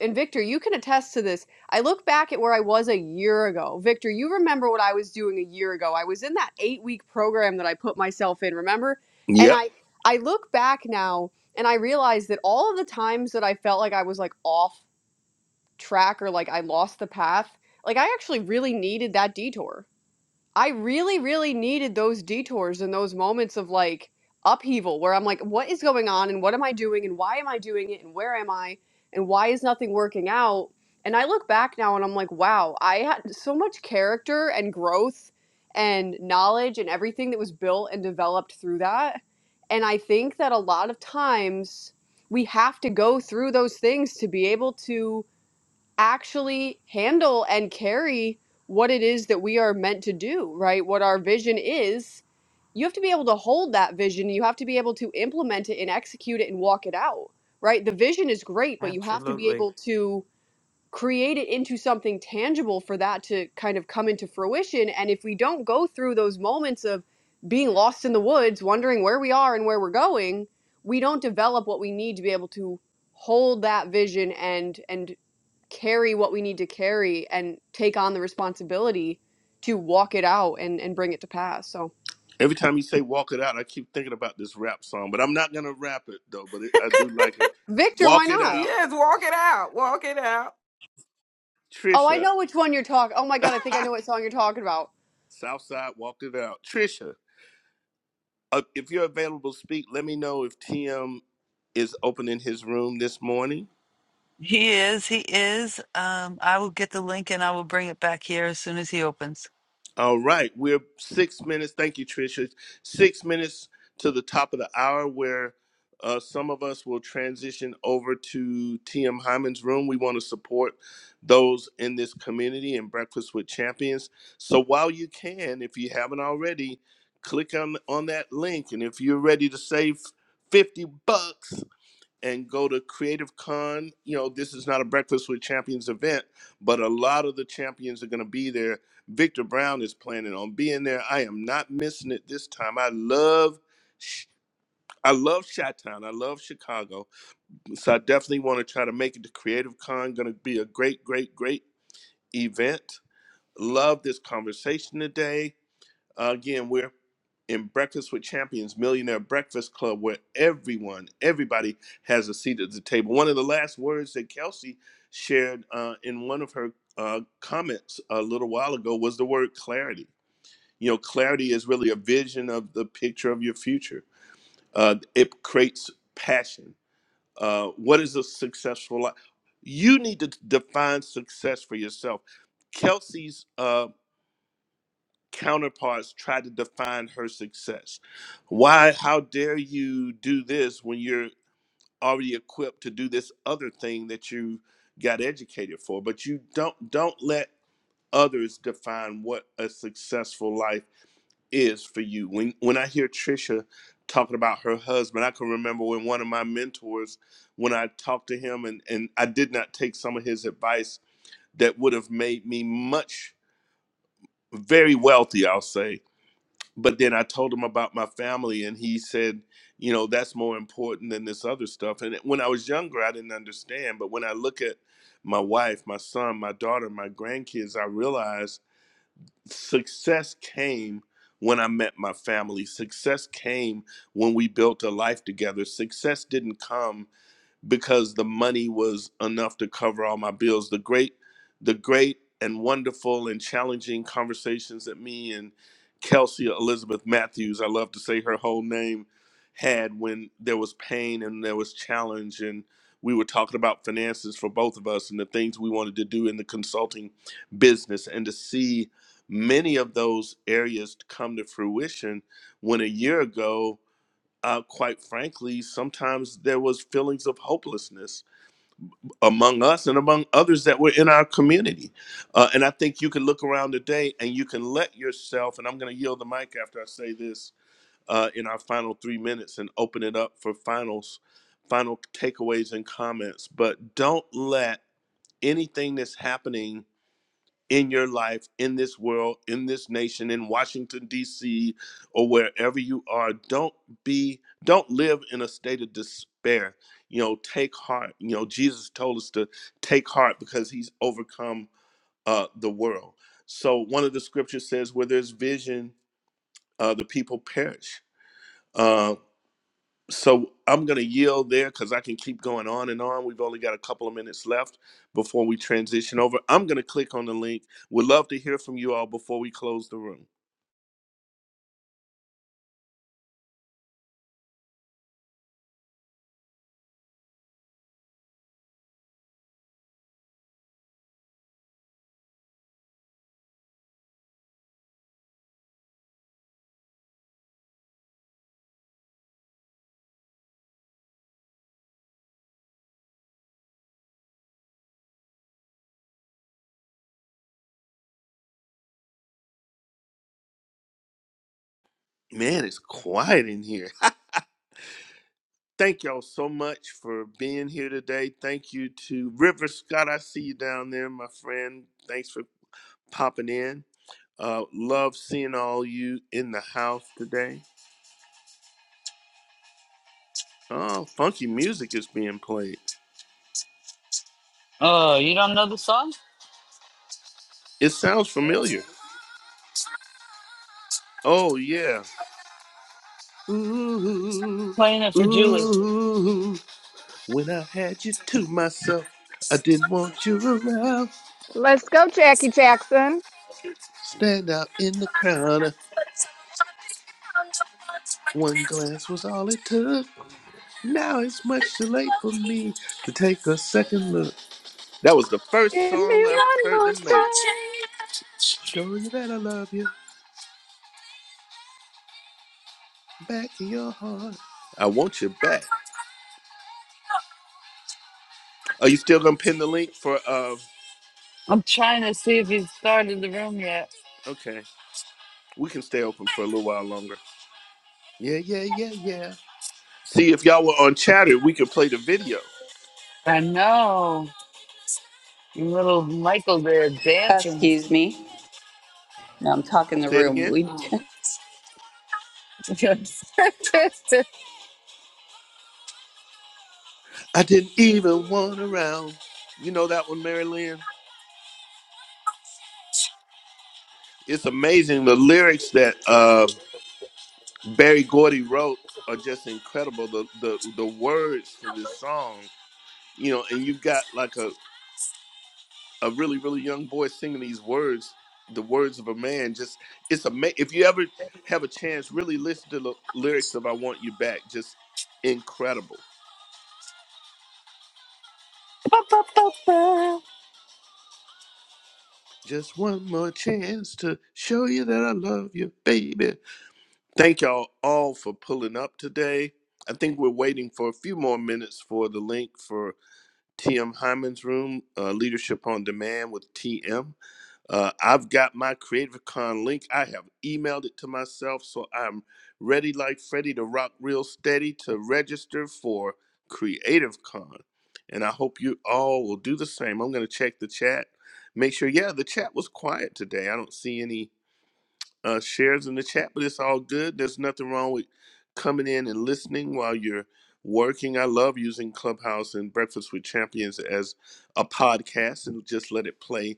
Speaker 3: and Victor, you can attest to this. I look back at where I was a year ago. Victor, you remember what I was doing a year ago. I was in that 8-week program that I put myself in, remember? And
Speaker 2: Yep.
Speaker 3: I I look back now and I realized that all of the times that I felt like I was like off track or like I lost the path, like I actually really needed that detour. I really, really needed those detours and those moments of like upheaval where I'm like, what is going on and what am I doing and why am I doing it and where am I and why is nothing working out? And I look back now and I'm like, wow, I had so much character and growth and knowledge and everything that was built and developed through that. And I think that a lot of times we have to go through those things to be able to actually handle and carry what it is that we are meant to do, right? What our vision is. You have to be able to hold that vision. You have to be able to implement it and execute it and walk it out, right? The vision is great, but you have to be
Speaker 4: Absolutely.
Speaker 3: able to create it into something tangible for that to kind of come into fruition. And if we don't go through those moments of being lost in the woods, wondering where we are and where we're going, we don't develop what we need to be able to hold that vision and and carry what we need to carry and take on the responsibility to walk it out and, and bring it to pass. So,
Speaker 2: Every time you say walk it out, I keep thinking about this rap song, but I'm not going to rap it though, but it, I do like it.
Speaker 3: Victor, why
Speaker 2: Walk it out,
Speaker 3: not?
Speaker 4: Yes, walk it out. Walk it out.
Speaker 3: Oh, I
Speaker 2: Trisha.
Speaker 3: know which one you're talking. Oh my
Speaker 2: (laughs)
Speaker 3: God, I think I know what song you're talking about.
Speaker 2: Southside walk it out. Trisha, uh, if you're available to speak, let me know if TM is opening his room this morning.
Speaker 7: He is. He is. Um, I will get the link and I will bring it back here as soon as he opens.
Speaker 2: All right, we're six minutes. Thank you, Tricia. Six minutes to the top of the hour, where uh, some of us will transition over to TM Hyman's room. We want to support those in this community and Breakfast with Champions. So while you can, if you haven't already, click on on that link, and if you're ready to save fifty bucks, and go to Creative Con. You know, this is not a Breakfast with Champions event, but a lot of the champions are going to be there. Victor Brown is planning on being there. I am not missing it this time. I love, Ch- I love Chi-Town. I love Chicago, so I definitely want to try to make it to Creative Con. Going to be a great, great, great event. Love this conversation today uh, again, we're in Breakfast with Champions Millionaire Breakfast Club, where everyone, everybody has a seat at the table. One of the last words that Kelsey shared uh, in one of her uh, comments a little while ago was the word clarity. You know, clarity is really a vision of the picture of your future. Uh, it creates passion. Uh, what is a successful life? You need to define success for yourself. Kelsey's uh, counterparts try to define her success. Why, how dare you do this when you're already equipped to do this other thing that you got educated for? But you don't don't let others define what a successful life is for you. When when I hear Trisha talking about her husband, I can remember when one of my mentors, when I talked to him and, and I did not take some of his advice that would have made me much very wealthy, I'll say but then I told him about my family, and he said, you know, that's more important than this other stuff. And when I was younger, I didn't understand. But when I look at my wife, my son, my daughter, my grandkids, I realize success came when I met my family. Success came when we built a life together. Success didn't come because the money was enough to cover all my bills. The great, the great and wonderful and challenging conversations that me and Kelsey Elizabeth Matthews, I love to say her whole name, had when there was pain and there was challenge and we were talking about finances for both of us and the things we wanted to do in the consulting business and to see many of those areas come to fruition when a year ago uh, quite frankly, sometimes there was feelings of hopelessness among us and among others that were in our community. Uh, and I think you can look around today and you can let yourself, and I'm going to yield the mic after I say this uh, in our final three minutes and open it up for finals, final takeaways and comments. But don't let anything that's happening in your life, in this world, in this nation, in Washington, D.C., or wherever you are, don't be, don't live in a state of despair. You know, take heart. You know, Jesus told us to take heart because he's overcome uh, the world. So one of the scriptures says, where there's vision, uh, the people perish. Um, so I'm going to yield there because I can keep going on and on. We've only got a couple of minutes left before we transition over. I'm going to click on the link. Would love to hear from you all before we close the room. Man, it's quiet in here. Thank y'all so much for being here today. Thank you to River Scott. I see you down there, my friend. Thanks for popping in. Uh, love seeing all you in the house today. Oh, funky music is being played.
Speaker 7: Oh, you don't know the song?
Speaker 2: It sounds familiar. Oh, yeah. Ooh,
Speaker 7: Playing it for Julie.
Speaker 2: ooh. When I had you to myself, I didn't want you around.
Speaker 5: Let's go, Jackie Jackson.
Speaker 2: Stand out in the crowd. One glance was all it took. Now it's much too late for me to take a second look. That was the first
Speaker 5: Give me
Speaker 2: song I've
Speaker 5: one
Speaker 2: heard
Speaker 5: more
Speaker 2: them make. Show you that I love you back in your heart. I want you back. Are you still gonna pin the link for? Uh,
Speaker 7: I'm trying to see if he's started the room yet.
Speaker 2: okay, we can stay open for a little while longer. Yeah, yeah, yeah, yeah. See, if y'all were on chatter, we could play the video.
Speaker 7: I know. Little Michael there dancing.
Speaker 1: Excuse me. No, I'm talking the
Speaker 2: Say it
Speaker 1: room.
Speaker 2: again.
Speaker 1: We. Oh
Speaker 2: I didn't even want around. You know that one, Mary Lynn? It's amazing. The lyrics that uh, Barry Gordy wrote are just incredible. The, the the words to this song, you know, and you've got like a a really really young boy singing these words the words of a man just it's amazing if you ever have a chance really listen to the lyrics of i want you back just incredible just one more chance to show you that i love you baby thank y'all all for pulling up today i think we're waiting for a few more minutes for the link for tm hyman's room uh, leadership on demand with tm Uh, I've got my Creative Con link. I have emailed it to myself, so I'm ready like Freddie, to rock real steady to register for Creative Con. And I hope you all will do the same. I'm going to check the chat. Make sure, yeah, the chat was quiet today. I don't see any uh, shares in the chat, but it's all good. There's nothing wrong with coming in and listening while you're working. I love using Clubhouse and Breakfast with Champions as a podcast and just let it play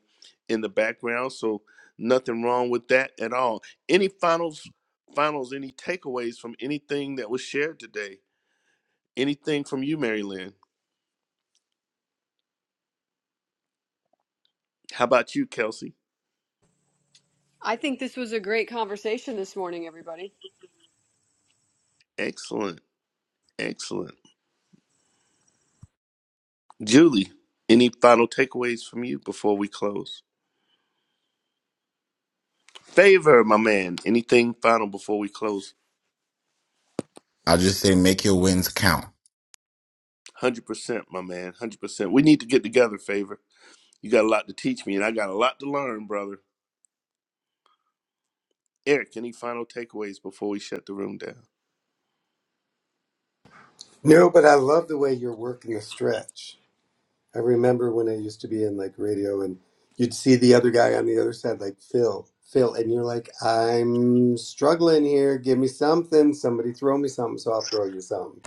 Speaker 2: in the background. So nothing wrong with that at all. Any finals, finals, any takeaways from anything that was shared today? Anything from you, Mary Lynn? How about you, Kelsey?
Speaker 3: I think this was a great conversation this morning, everybody.
Speaker 2: Excellent, excellent. Julie, any final takeaways from you before we close? Favor, my man. Anything final before we close?
Speaker 8: I will just say make your wins count.
Speaker 2: 100%, my man. 100%. We need to get together, Favor. You got a lot to teach me, and I got a lot to learn, brother. Eric, any final takeaways before we shut the room down?
Speaker 9: No, but I love the way you're working the stretch. I remember when I used to be in like radio and you'd see the other guy on the other side, like Phil, Phil, and you're like, I'm struggling here. Give me something. Somebody throw me something, so I'll throw you something.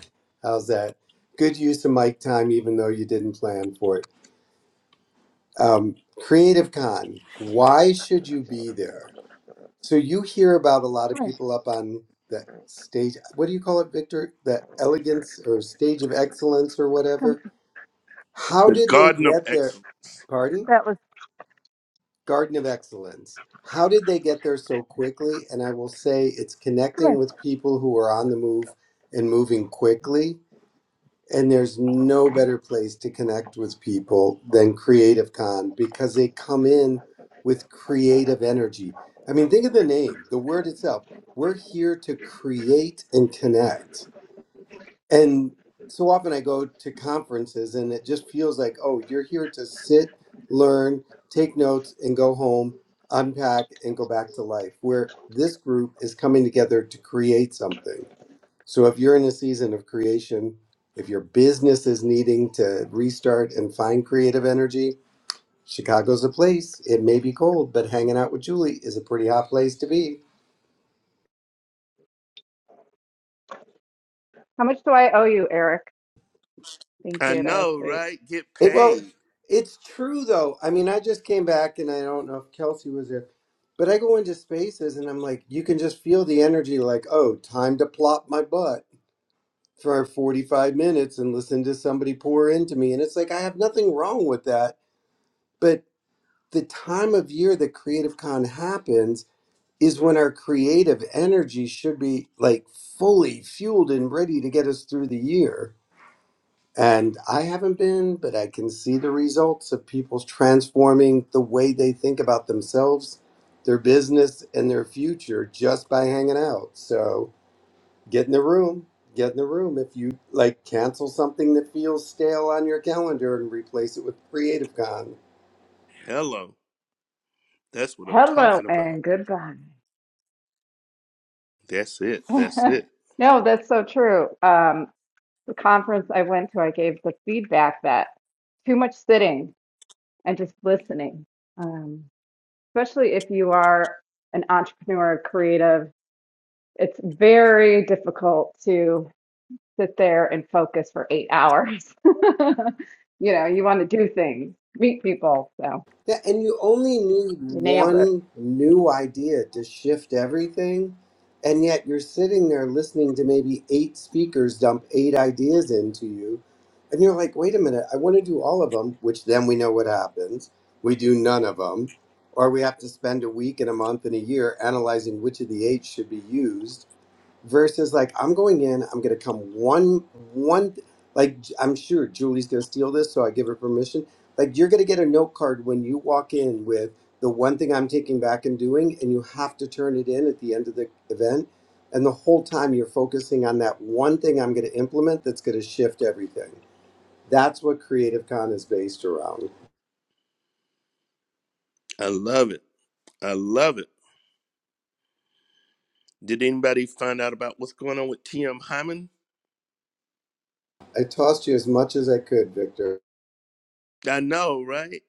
Speaker 9: How's that? Good use of mic time, even though you didn't plan for it. Um, Creative Con, why should you be there? So you hear about a lot
Speaker 5: time.
Speaker 9: of
Speaker 5: Come here.
Speaker 9: people up on the stage. What do you call it, Victor? The elegance or stage of excellence or
Speaker 5: Come,
Speaker 9: whatever. How
Speaker 2: The
Speaker 9: did they
Speaker 2: Garden of
Speaker 9: get there?
Speaker 2: Excellence.
Speaker 9: Pardon?
Speaker 5: that was
Speaker 9: Garden of Excellence. How did they get there so quickly? And I will say it's
Speaker 5: come
Speaker 9: connecting
Speaker 5: here.
Speaker 9: with people who are on the move and moving quickly. And there's no better place to connect with people than Creative Con because they come in with creative energy. I mean, think of the name, the word itself. We're here to create and connect and so often I go to conferences and it just feels like, oh, you're here to sit, learn, take notes, and go home, unpack, and go back to life. Where this group is coming together to create something. So if you're in a season of creation, if your business is needing to restart and find creative energy, Chicago's a place. It may be cold, but hanging out with Julie is a pretty hot place to be.
Speaker 5: How much do I owe you, Eric? Thank
Speaker 2: I
Speaker 5: you. That was
Speaker 2: know,
Speaker 5: sweet.
Speaker 2: right? Get
Speaker 9: It, well,
Speaker 2: paid.
Speaker 9: it's true though. I mean, I just came back and I don't know if Kelsey was there, but I go into spaces and I'm like, you can just feel the energy like, oh, time to plop my butt for 45 minutes and listen to somebody pour into me. And it's like, I have nothing wrong with that. But the time of year that Creative Con happens is when our creative energy should be like fully fueled and ready to get us through the year and I haven't been, but I can see the results of people transforming the way they think about themselves, their business, and their future just by hanging out. So get in the room. Get in the room. If you like, cancel something that feels stale on your calendar and replace it with Creative Con.
Speaker 2: Hello. That's what I'm
Speaker 5: Hello
Speaker 2: talking about.
Speaker 5: and goodbye.
Speaker 2: That's it. That's it.
Speaker 5: (laughs) no, that's so true. Um, the conference I went to, I gave the feedback that too much sitting and just listening. Um, especially if you are an entrepreneur, creative, it's very difficult to sit there and focus for eight hours. (laughs) You know, you want to do things, meet people. So
Speaker 9: Yeah, and you only need
Speaker 5: you nailed it.
Speaker 9: one new idea to shift everything. And yet you're sitting there listening to maybe eight speakers dump eight ideas into you. And you're like, wait a minute, I want to do all of them, which then we know what happens. We do none of them. Or we have to spend a week and a month and a year analyzing which of the eight should be used versus like I'm going in, I'm gonna come one one like I'm sure Julie's gonna steal this, so I give her permission. Like you're gonna get a note card when you walk in with the one thing I'm taking back and doing, and you have to turn it in at the end of the event. And the whole time you're focusing on that one thing I'm gonna implement that's gonna shift everything. That's what Creative Con is based around.
Speaker 2: I love it. I love it. Did anybody find out about what's going on with TM Hyman?
Speaker 9: I tossed you as much as I could, Victor.
Speaker 2: I know, right?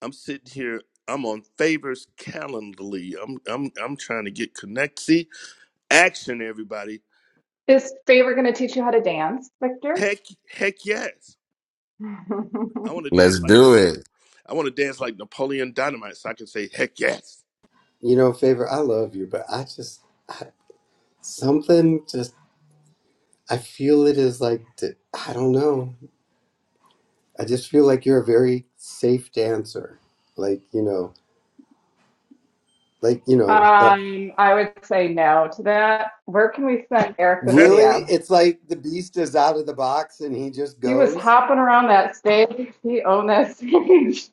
Speaker 2: I'm sitting here. I'm on favors Calendly. I'm I'm I'm trying to get connect. See action, everybody.
Speaker 5: Is favor going to teach you how to dance, Victor?
Speaker 2: Heck heck yes.
Speaker 5: (laughs)
Speaker 2: I
Speaker 5: um,
Speaker 2: want to
Speaker 8: Let's
Speaker 2: dance like
Speaker 8: do it.
Speaker 2: I want to dance like Napoleon Dynamite, so I can say heck yes.
Speaker 9: You know, favor, I love you, but I just I, something just I feel it is like th- I don't know. I just feel like you're a very safe dancer. Like you know, like you know that.
Speaker 5: I would say no to that. Where can we send Eric the
Speaker 2: (laughs)
Speaker 9: Really,
Speaker 5: video?
Speaker 9: it's like the beast is out of the box and he just
Speaker 5: He was
Speaker 9: goes.
Speaker 5: hopping around that stage. He owned that stage.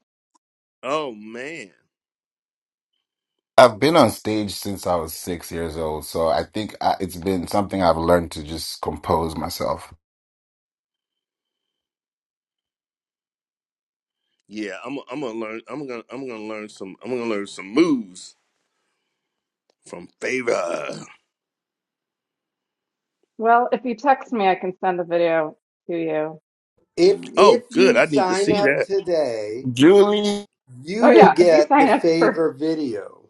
Speaker 2: oh man,
Speaker 8: I've been on stage since I was six years old, so I think I, it's been something I've learned to just compose myself.
Speaker 2: yeah. I'm I'm gonna learn. I'm gonna I'm gonna learn some. I'm gonna learn some moves from favor.
Speaker 5: (laughs) well, if you text me, I can send the video to you.
Speaker 9: If
Speaker 5: Um,
Speaker 9: if
Speaker 2: Oh good.
Speaker 9: you
Speaker 2: I need to
Speaker 9: sign
Speaker 2: see
Speaker 9: up
Speaker 2: that.
Speaker 9: today,
Speaker 8: Julie,
Speaker 9: you
Speaker 5: Oh
Speaker 9: will
Speaker 5: yeah, if you
Speaker 9: get
Speaker 5: sign
Speaker 9: the
Speaker 5: up for
Speaker 9: favor video.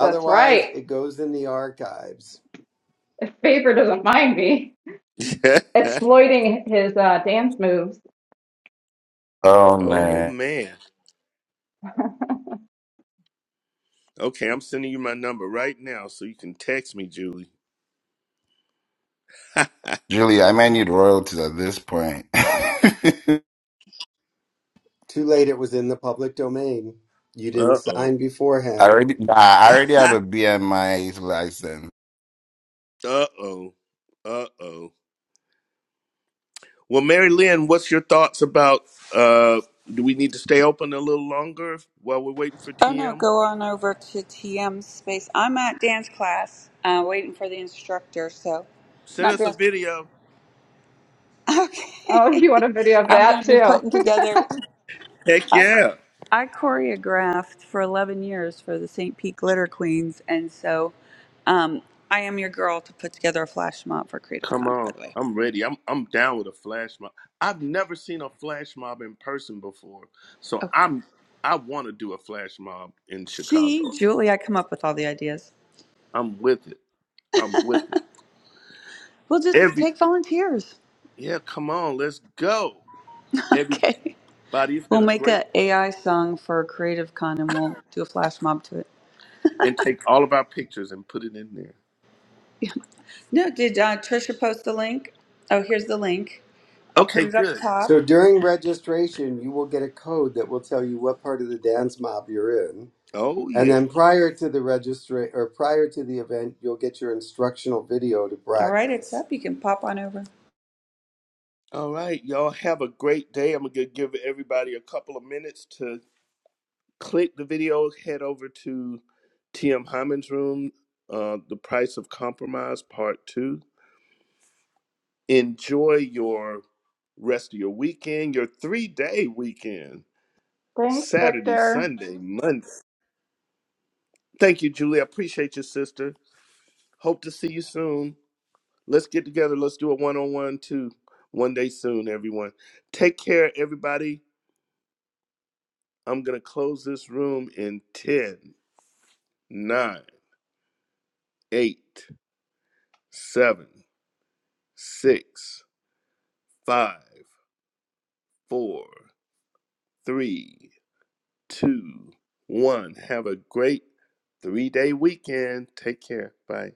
Speaker 5: that's right.
Speaker 9: it goes in the archives.
Speaker 5: If Faber doesn't mind me
Speaker 2: (laughs)
Speaker 5: exploiting his uh, dance moves.
Speaker 8: oh
Speaker 2: oh
Speaker 8: man,
Speaker 2: man. Okay, I'm sending you my number right now so you can text me, Julie. (laughs) uh
Speaker 8: Julie, I might need royalties at this point. (laughs) I
Speaker 9: Too late. It was in the public domain. You didn't
Speaker 2: oh.
Speaker 9: sign beforehand.
Speaker 8: already, nah,
Speaker 2: (laughs)
Speaker 8: I already have a BMI license.
Speaker 2: Uh oh. Uh oh. Well, Mary Lynn, what's your thoughts about uh do we need to stay open a little longer while we're waiting for
Speaker 1: Oh, no,
Speaker 2: TM?
Speaker 1: go on over to TM space. I'm at dance class, uh, waiting for the instructor. So,
Speaker 2: Send
Speaker 1: not
Speaker 2: us a
Speaker 1: dance.
Speaker 2: video.
Speaker 5: Oh, (laughs)
Speaker 1: Okay,
Speaker 5: you want
Speaker 1: (laughs)
Speaker 5: a video of
Speaker 1: I'm going
Speaker 5: that
Speaker 1: to be
Speaker 5: too?
Speaker 1: putting together.
Speaker 2: Heck
Speaker 1: I
Speaker 2: yeah.
Speaker 1: I choreographed for 11 years for the St. Pete Glitter Queens, and so, um, I am your girl to put together a flash mob for Creative
Speaker 2: Come
Speaker 1: Con. By
Speaker 2: on.
Speaker 1: the way.
Speaker 2: I'm ready. I'm I'm down with a flash mob. I've never seen a flash mob in person before. So
Speaker 1: Okay.
Speaker 2: I'm I want to do a flash mob in Chicago.
Speaker 1: See, Julie, I come up with all the ideas.
Speaker 2: I'm with it. I'm with it.
Speaker 1: We'll just
Speaker 2: Every
Speaker 1: take volunteers.
Speaker 2: Yeah, come on. Let's go.
Speaker 1: (laughs)
Speaker 2: Everybody,
Speaker 1: Okay.
Speaker 2: it's
Speaker 1: We'll
Speaker 2: been a
Speaker 1: make
Speaker 2: great
Speaker 1: a AI song for Creative Con and we'll do a flash mob to it. (laughs)
Speaker 2: and take all of our pictures and put it in there.
Speaker 1: Yeah. No, did uh, Trisha post the link? Oh, here's the link. I'll put
Speaker 2: Okay,
Speaker 1: it up
Speaker 2: good.
Speaker 9: So
Speaker 1: top.
Speaker 9: during registration, you will get a code that will tell you what part of the dance mob you're in.
Speaker 2: Oh,
Speaker 9: And
Speaker 2: yeah.
Speaker 9: then prior to the registra or prior to the event, you'll get your instructional video to
Speaker 1: All right, it's
Speaker 9: practice.
Speaker 1: up. You can pop on over.
Speaker 2: All right, y'all have a great day. I'm going to give everybody a couple of minutes to click the video, head over to TM Hyman's room, uh, The Price of Compromise, Part 2. Enjoy your rest of your weekend, your three day weekend,
Speaker 5: (laughs) Thanks,
Speaker 2: Saturday,
Speaker 5: Victor.
Speaker 2: Sunday, Monday. Thank you, Julie. I appreciate you, sister. Hope to see you soon. Let's get together. Let's do a one on one, too, one day soon, everyone. Take care, everybody. I'm going to close this room in ten, nine, eight, seven, six, five, four, three, two, one. Have a great three day weekend. Take care. Bye.